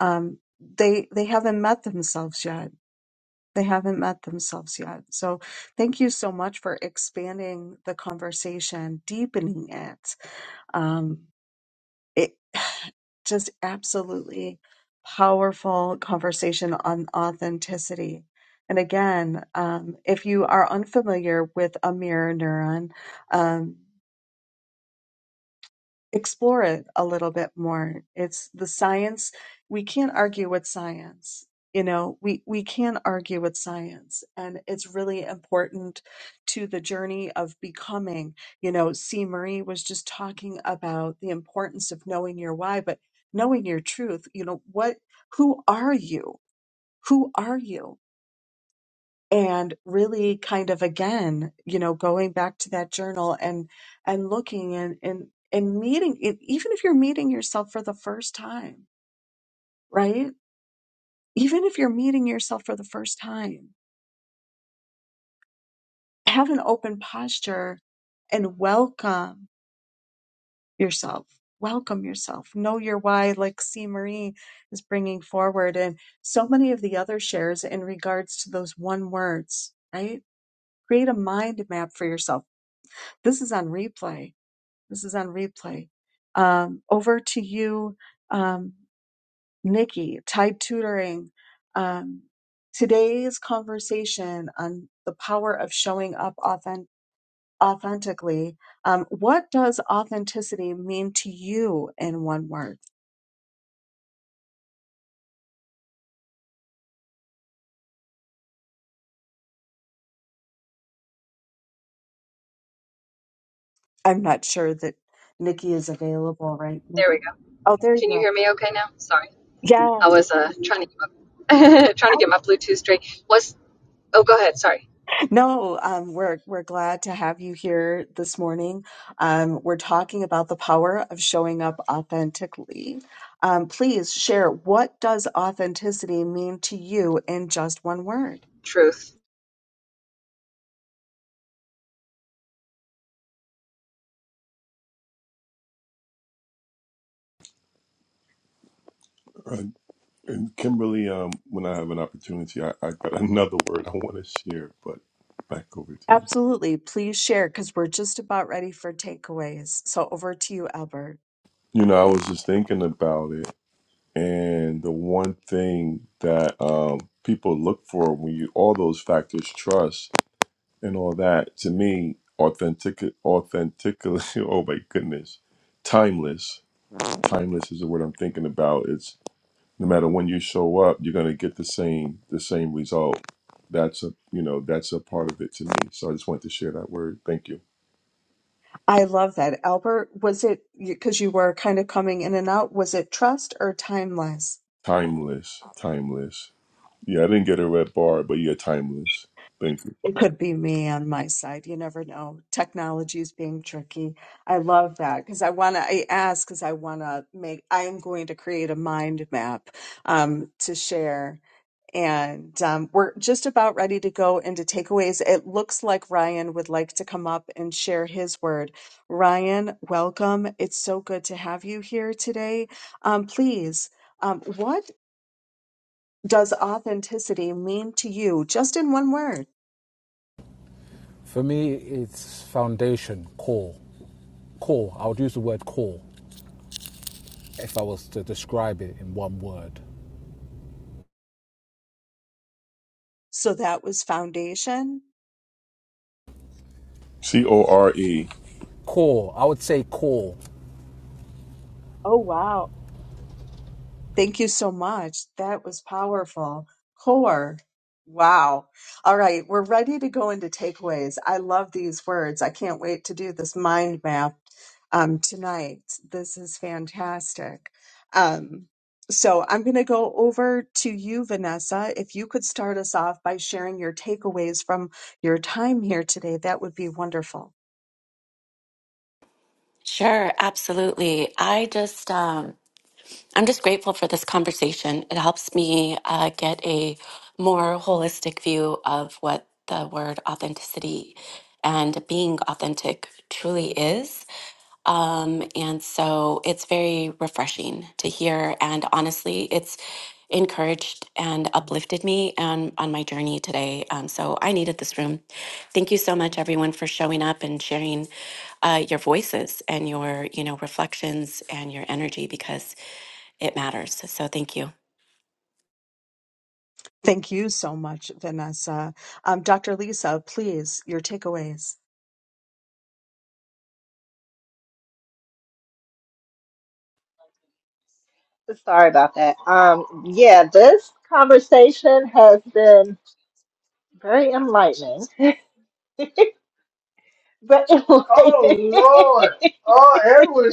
Speaker 1: um, they, they haven't met themselves yet they haven't met themselves yet. So thank you so much for expanding the conversation, deepening it. Um, it just absolutely powerful conversation on authenticity. And again, um, if you are unfamiliar with a mirror neuron, um, explore it a little bit more. It's the science. We can't argue with science. You know, we, we can argue with science, and it's really important to the journey of becoming. You know, C. Marie was just talking about the importance of knowing your why, but knowing your truth. You know, what, who are you? Who are you? and really kind of again you know going back to that journal and and looking and and and meeting e- even if you're meeting yourself for the first time right even if you're meeting yourself for the first time have an open posture and welcome yourself welcome yourself know your why like c marie is bringing forward and so many of the other shares in regards to those one words right create a mind map for yourself this is on replay This is on replay. Um, over to you, um, Nikki, Tide Tutoring. Um, today's conversation on the power of showing up authen- authentically. Um, what does authenticity mean to you in one word? I'm not sure that Nikki is available right now.
Speaker 9: There we go.
Speaker 1: Oh, there you
Speaker 9: Can you
Speaker 1: go.
Speaker 9: hear me okay now? Sorry. I was uh
Speaker 1: Yes.
Speaker 9: trying to get my, trying to get my Bluetooth straight. Was Oh, go ahead. Sorry.
Speaker 1: No, um, we're we're glad to have you here this morning. Um, we're talking about the power of showing up authentically. Um, please share what does authenticity mean to you in just one word.
Speaker 9: Truth.
Speaker 2: Uh, and Kimberly, um, when I have an opportunity, I, I got another word I want to share, but back over to you.
Speaker 1: Absolutely, please share because we're just about ready for takeaways. So over to you, Albert.
Speaker 2: You know, I was just thinking about it. And the one thing that um, people look for when you all those factors, trust and all that, to me, authentic, authentic. Oh my goodness, timeless. Timeless is the word I'm thinking about. It's no matter when you show up, you're gonna get the same the same result. That's a you know that's a part of it to me. So I just wanted to share that word. Thank you.
Speaker 1: I love that, Albert. Was it because you were kind of coming in and out? Was it trust or timeless?
Speaker 2: Timeless, timeless. Yeah, I didn't get a red bar, but yeah, timeless. Thank you.
Speaker 1: It could be me on my side. You never know. Technology is being tricky. I love that because I want to, I ask because I want to make, I'm going to create a mind map um, to share. And um, we're just about ready to go into takeaways. It looks like Ryan would like to come up and share his word. Ryan, welcome. It's so good to have you here today. Um, please, um, what does authenticity mean to you? Just in one word.
Speaker 10: For me, it's foundation, core. Core, I would use the word core if I was to describe it in one word.
Speaker 1: So that was foundation.
Speaker 2: C O R E.
Speaker 10: Core, I would say core.
Speaker 1: Oh, wow. Thank you so much. That was powerful. Core. Wow. All right. We're ready to go into takeaways. I love these words. I can't wait to do this mind map um, tonight. This is fantastic. Um, so I'm going to go over to you, Vanessa. If you could start us off by sharing your takeaways from your time here today, that would be wonderful.
Speaker 6: Sure, absolutely. I just um, I'm just grateful for this conversation. It helps me uh, get a more holistic view of what the word authenticity and being authentic truly is. Um, and so it's very refreshing to hear. And honestly, it's encouraged and uplifted me and on my journey today. Um, so I needed this room. Thank you so much, everyone, for showing up and sharing uh, your voices and your, you know, reflections and your energy because it matters. So thank you.
Speaker 1: Thank you so much, Vanessa. Um, Dr. Lisa, please, your takeaways.
Speaker 3: Sorry about that. Um, yeah, this conversation has been very enlightening. But Oh Lord! Oh,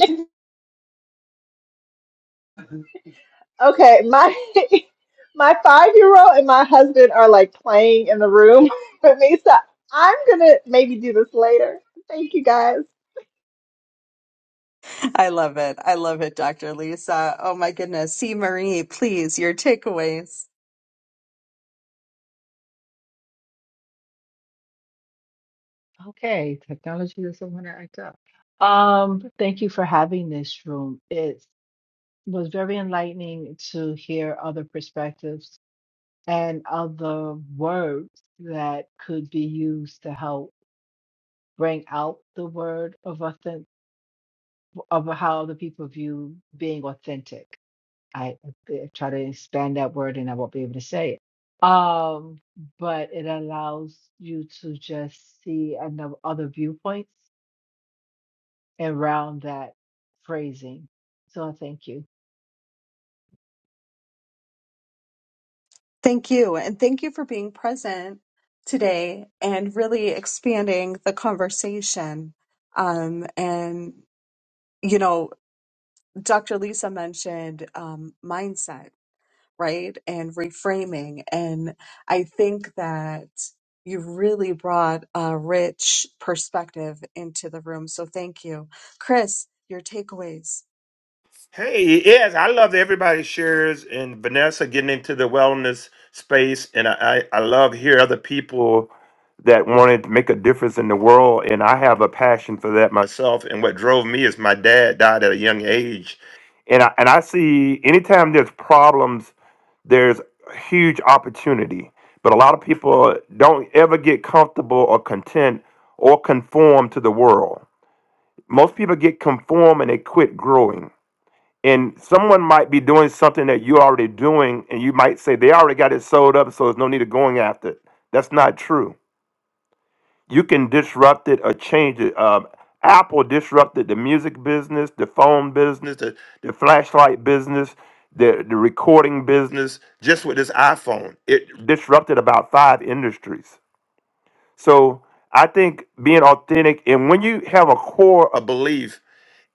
Speaker 3: Okay, my my five year old and my husband are like playing in the room with me, so I'm gonna maybe do this later. Thank you guys.
Speaker 1: I love it. I love it, Dr. Lisa. Oh my goodness. See, Marie, please, your takeaways.
Speaker 8: Okay, technology doesn't want to act up. Um, thank you for having this room. It's was very enlightening to hear other perspectives and other words that could be used to help bring out the word of authentic of how other people view being authentic. I, I try to expand that word and I won't be able to say it. Um, but it allows you to just see another other viewpoints around that phrasing. So I thank you.
Speaker 1: Thank you. And thank you for being present today and really expanding the conversation. Um, and, you know, Dr. Lisa mentioned um, mindset right? And reframing. And I think that you really brought a rich perspective into the room. So thank you. Chris, your takeaways.
Speaker 7: Hey, yes, I love that everybody shares and Vanessa getting into the wellness space. And I, I, I love hear other people that wanted to make a difference in the world. And I have a passion for that myself. And what drove me is my dad died at a young age. And I, and I see anytime there's problems. there's a huge opportunity but a lot of people don't ever get comfortable or content or conform to the world most people get conform and they quit growing and someone might be doing something that you're already doing and you might say they already got it sold up so there's no need of going after it that's not true you can disrupt it or change it. Um, Apple disrupted the music business, the phone business, the, the flashlight business, the, the recording business, just with this iPhone. It disrupted about five industries. So I think being authentic, and when you have a core of belief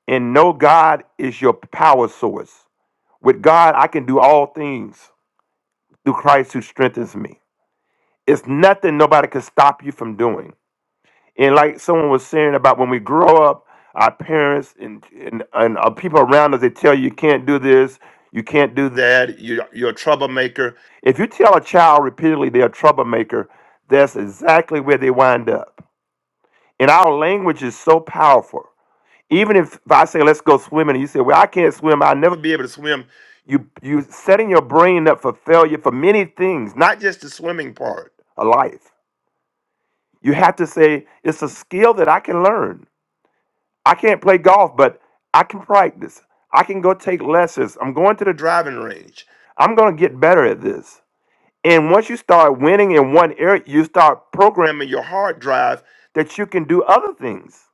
Speaker 7: and know God is your power source, with God, I can do all things through Christ who strengthens me. It's nothing nobody can stop you from doing And like someone was saying about when we grow up, our parents and and, and our people around us, they tell you you can't do this, you can't do that, you're, you're a troublemaker. If you tell a child repeatedly they're a troublemaker, that's exactly where they wind up. And our language is so powerful. Even if, if I say, let's go swimming, and you say, well, I can't swim, I'll never be able to swim. You, you setting your brain up for failure for many things, not just the swimming part of life. You have to say, it's a skill that I can learn. I can't play golf, but I can practice. I can go take lessons. I'm going to the driving range. I'm going to get better at this. And once you start winning in one area, you start programming your hard drive that you can do other things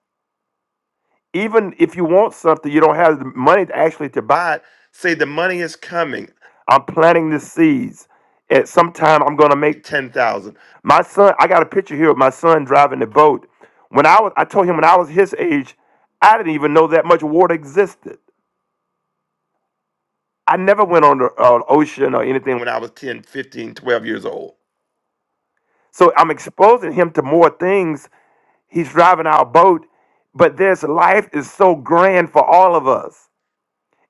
Speaker 7: even if you want something, you don't have the money to actually to buy it. Say the money is coming. I'm planting the seeds. At some time, I'm gonna make ten thousand. My son, I got a picture here of my son driving the boat. When I was, I told him when I was his age, I didn't even know that much water existed. I never went on the uh, ocean or anything when I was 10, 15, 12 years old. So I'm exposing him to more things. He's driving our boat, but this life is so grand for all of us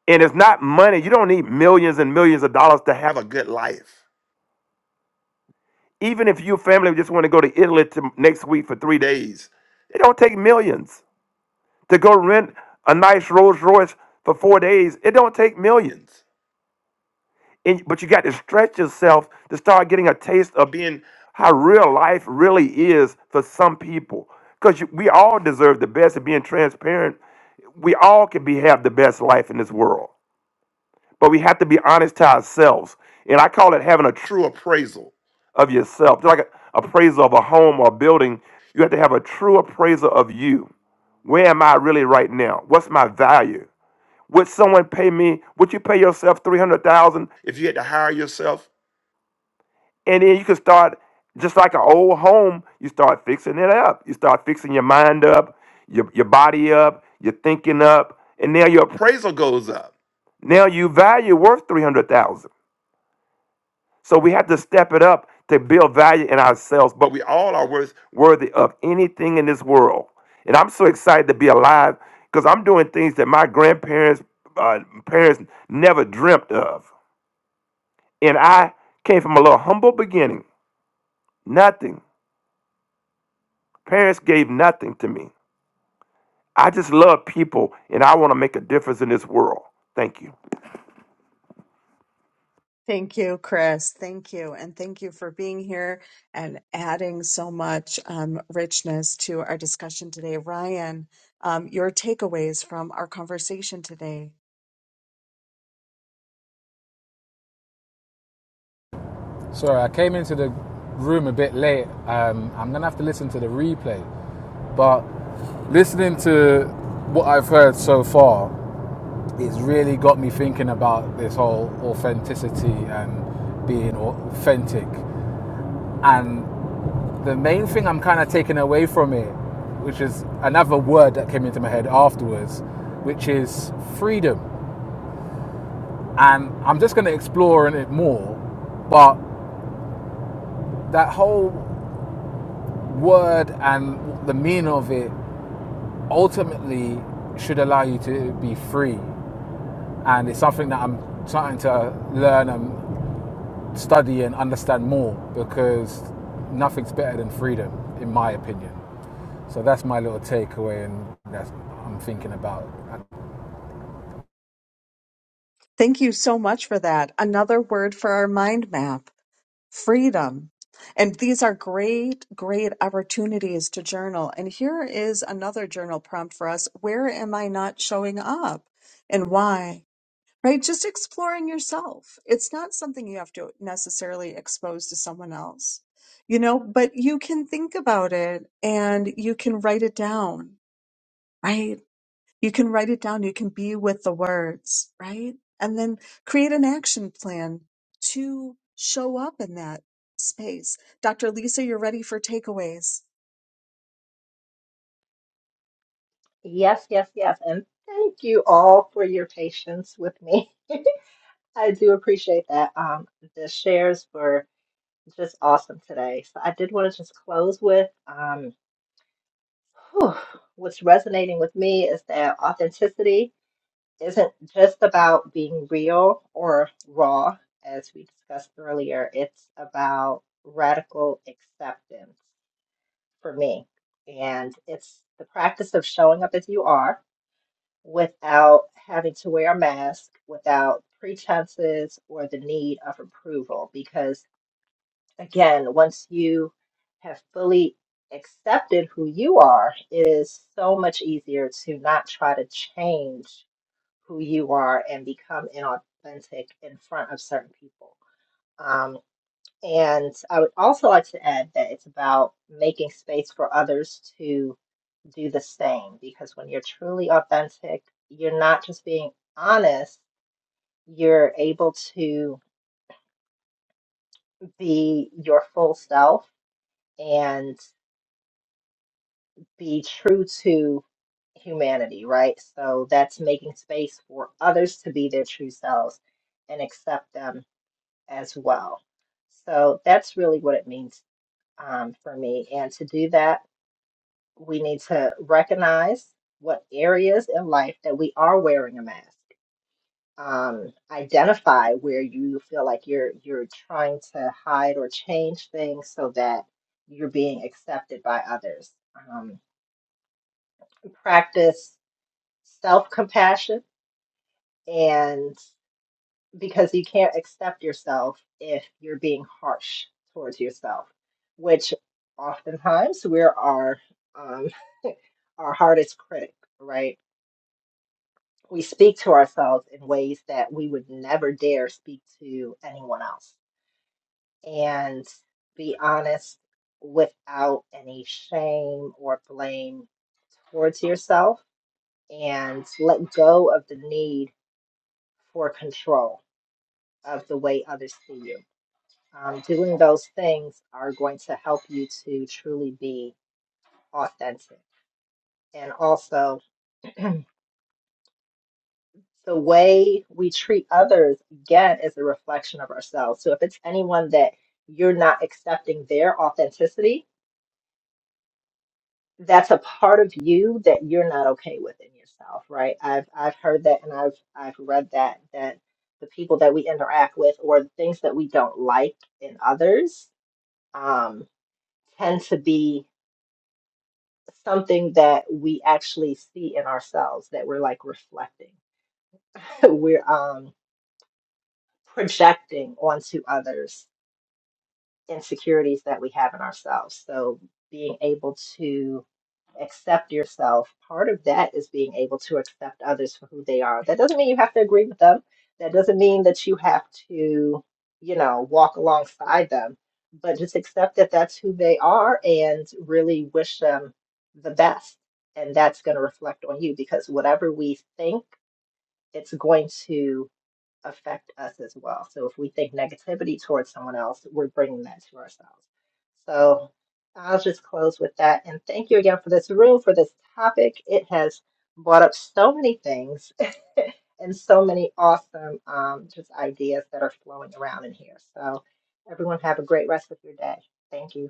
Speaker 7: And it's not money. You don't need millions and millions of dollars to have a good life. Even if your family just want to go to Italy to next week for three days, it don't take millions. To go rent a nice Rolls Royce for four days, it don't take millions. And, but you got to stretch yourself to start getting a taste of being how real life really is for some people. Because we all deserve the best of being transparent. We all can be have the best life in this world. But we have to be honest to ourselves. And I call it having a true appraisal of yourself. Just like an appraisal of a home or a building, you have to have a true appraisal of you. Where am I really right now? What's my value? Would someone pay me? Would you pay yourself 300000 if you had to hire yourself? And then you can start, just like an old home, you start fixing it up. You start fixing your mind up, your, your body up, your thinking up, and now your appraisal goes up. Now you value worth 300000 So we have to step it up to build value in ourselves, but we all are worth, worthy of anything in this world. And I'm so excited to be alive because I'm doing things that my grandparents, uh, parents never dreamt of. And I came from a little humble beginning, nothing. Parents gave nothing to me. I just love people and I want to make a difference in this world. Thank you.
Speaker 1: Thank you, Chris. Thank you. And thank you for being here and adding so much um, richness to our discussion today. Ryan, um, your takeaways from our conversation today.
Speaker 10: Sorry, I came into the room a bit late. Um, I'm going to have to listen to the replay. But listening to what I've heard so far, it's really got me thinking about this whole authenticity and being authentic. And the main thing I'm kind of taking away from it, which is another word that came into my head afterwards, which is freedom. And I'm just going to explore in it more, but that whole word and the meaning of it ultimately should allow you to be free. And it's something that I'm trying to learn and study and understand more because nothing's better than freedom, in my opinion. So that's my little takeaway, and that's I'm thinking about. I
Speaker 1: Thank you so much for that. Another word for our mind map freedom. And these are great, great opportunities to journal. And here is another journal prompt for us Where am I not showing up and why? Right? Just exploring yourself. It's not something you have to necessarily expose to someone else, you know, but you can think about it and you can write it down, right? You can write it down. You can be with the words, right? And then create an action plan to show up in that space. Dr. Lisa, you're ready for takeaways.
Speaker 3: Yes, yes, yes, and thank you all for your patience with me. I do appreciate that. Um, the shares were just awesome today. So I did want to just close with um, whew, what's resonating with me is that authenticity isn't just about being real or raw, as we discussed earlier. It's about radical acceptance for me. And it's the practice of showing up as you are without having to wear a mask, without pretenses or the need of approval. Because again, once you have fully accepted who you are, it is so much easier to not try to change who you are and become inauthentic in front of certain people. Um, and I would also like to add that it's about making space for others to do the same because when you're truly authentic, you're not just being honest, you're able to be your full self and be true to humanity, right? So that's making space for others to be their true selves and accept them as well. So that's really what it means um, for me. And to do that, we need to recognize what areas in life that we are wearing a mask. Um, identify where you feel like you're you're trying to hide or change things so that you're being accepted by others. Um, practice self compassion and. because you can't accept yourself if you're being harsh towards yourself, which oftentimes we are um, our hardest critic, right? We speak to ourselves in ways that we would never dare speak to anyone else and be honest without any shame or blame towards yourself and let go of the need for control of the way others see you um, doing those things are going to help you to truly be authentic. And also, the way we treat others, again, is a reflection of ourselves. So if it's anyone that you're not accepting their authenticity, that's a part of you that you're not okay with in yourself, right? I've I've heard that and I've I've read that that the people that we interact with or the things that we don't like in others um, tend to be something that we actually see in ourselves that we're like reflecting, we're um, projecting onto others insecurities that we have in ourselves. So being able to accept yourself, part of that is being able to accept others for who they are. That doesn't mean you have to agree with them. That doesn't mean that you have to, you know, walk alongside them, but just accept that that's who they are and really wish them the best. And that's going to reflect on you because whatever we think, it's going to affect us as well. So if we think negativity towards someone else, we're bringing that to ourselves. So I'll just close with that. And thank you again for this room, for this topic. It has brought up so many things and so many awesome um, just ideas that are flowing around in here. So everyone have a great rest of your day. Thank you.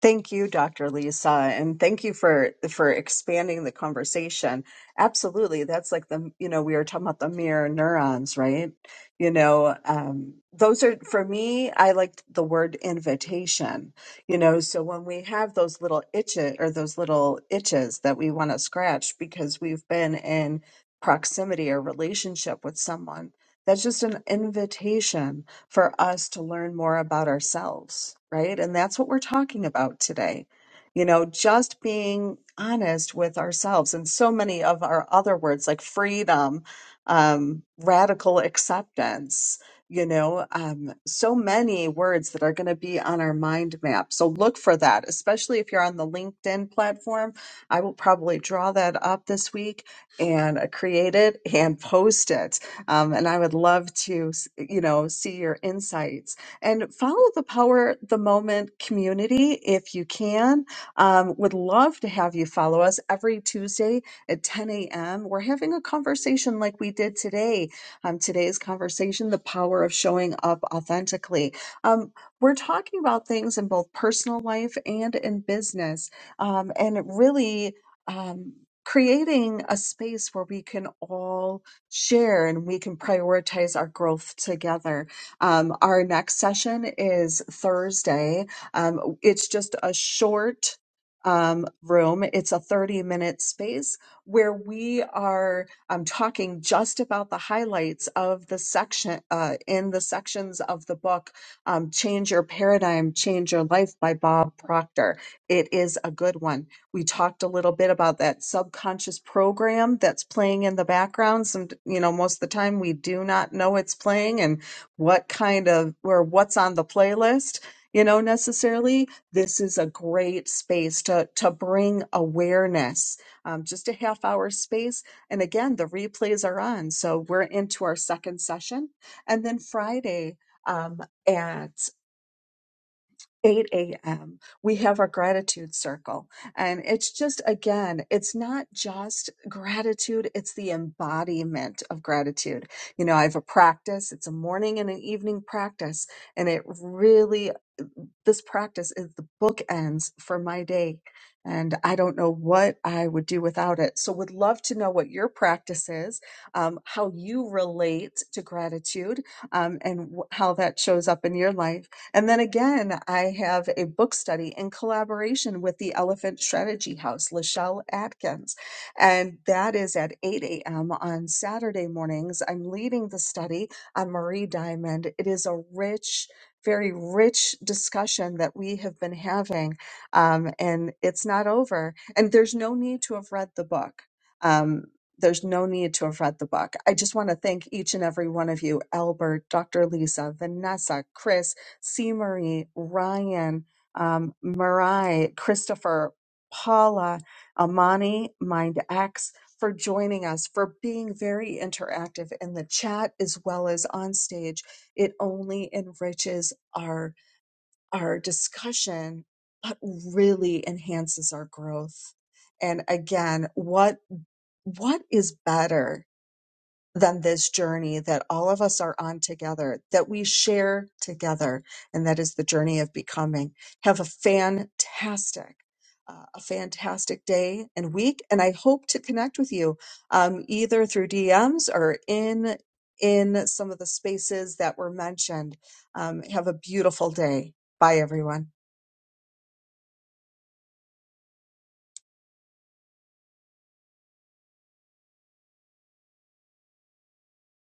Speaker 1: Thank you, Dr. Lisa, and thank you for for expanding the conversation. Absolutely, that's like the you know we were talking about the mirror neurons, right? You know, um, those are for me. I like the word invitation. You know, so when we have those little itches or those little itches that we want to scratch because we've been in proximity or relationship with someone, that's just an invitation for us to learn more about ourselves, right? And that's what we're talking about today. You know, just being honest with ourselves and so many of our other words like freedom, um, radical acceptance, you know, um, so many words that are going to be on our mind map. So look for that, especially if you're on the LinkedIn platform. I will probably draw that up this week and uh, create it and post it um, and I would love to, s- you know, see your insights and follow the Power the Moment community if you can. Um, would love to have you follow us every Tuesday at 10 a.m. We're having a conversation like we did today. Um, today's conversation, the power of showing up authentically. Um, we're talking about things in both personal life and in business, um, and really. Um, creating a space where we can all share and we can prioritize our growth together. Um, our next session is Thursday. Um, it's just a short um, room, it's a 30 minute space where we are um, talking just about the highlights of the section uh, in the sections of the book. Um, Change Your Paradigm, Change Your Life by Bob Proctor. It is a good one. We talked a little bit about that subconscious program that's playing in the background. Some, you know, most of the time we do not know it's playing and what kind of or what's on the playlist, you know, necessarily. This is a great space to to bring awareness. Um, just a half hour space, and again, the replays are on. So we're into our second session, and then Friday um, at 8 a.m. we have our gratitude circle and it's just again it's not just gratitude it's the embodiment of gratitude you know i have a practice it's a morning and an evening practice and it really this practice is the bookends for my day. And I don't know what I would do without it. So, would love to know what your practice is, um, how you relate to gratitude, um, and wh- how that shows up in your life. And then again, I have a book study in collaboration with the Elephant Strategy House, Lachelle Atkins. And that is at 8 a.m. on Saturday mornings. I'm leading the study on Marie Diamond. It is a rich, very rich discussion that we have been having, um, and it's not over. And there's no need to have read the book. Um, there's no need to have read the book. I just want to thank each and every one of you Albert, Dr. Lisa, Vanessa, Chris, C. Marie, Ryan, um, Marai, Christopher, Paula, Amani, MindX for joining us, for being very interactive in the chat as well as on stage. It only enriches our our discussion, but really enhances our growth. And again, what what is better than this journey that all of us are on together, that we share together, and that is the journey of becoming. Have a fantastic, uh, a fantastic day and week, and I hope to connect with you um, either through DMs or in in some of the spaces that were mentioned. Um, have a beautiful day. Bye, everyone.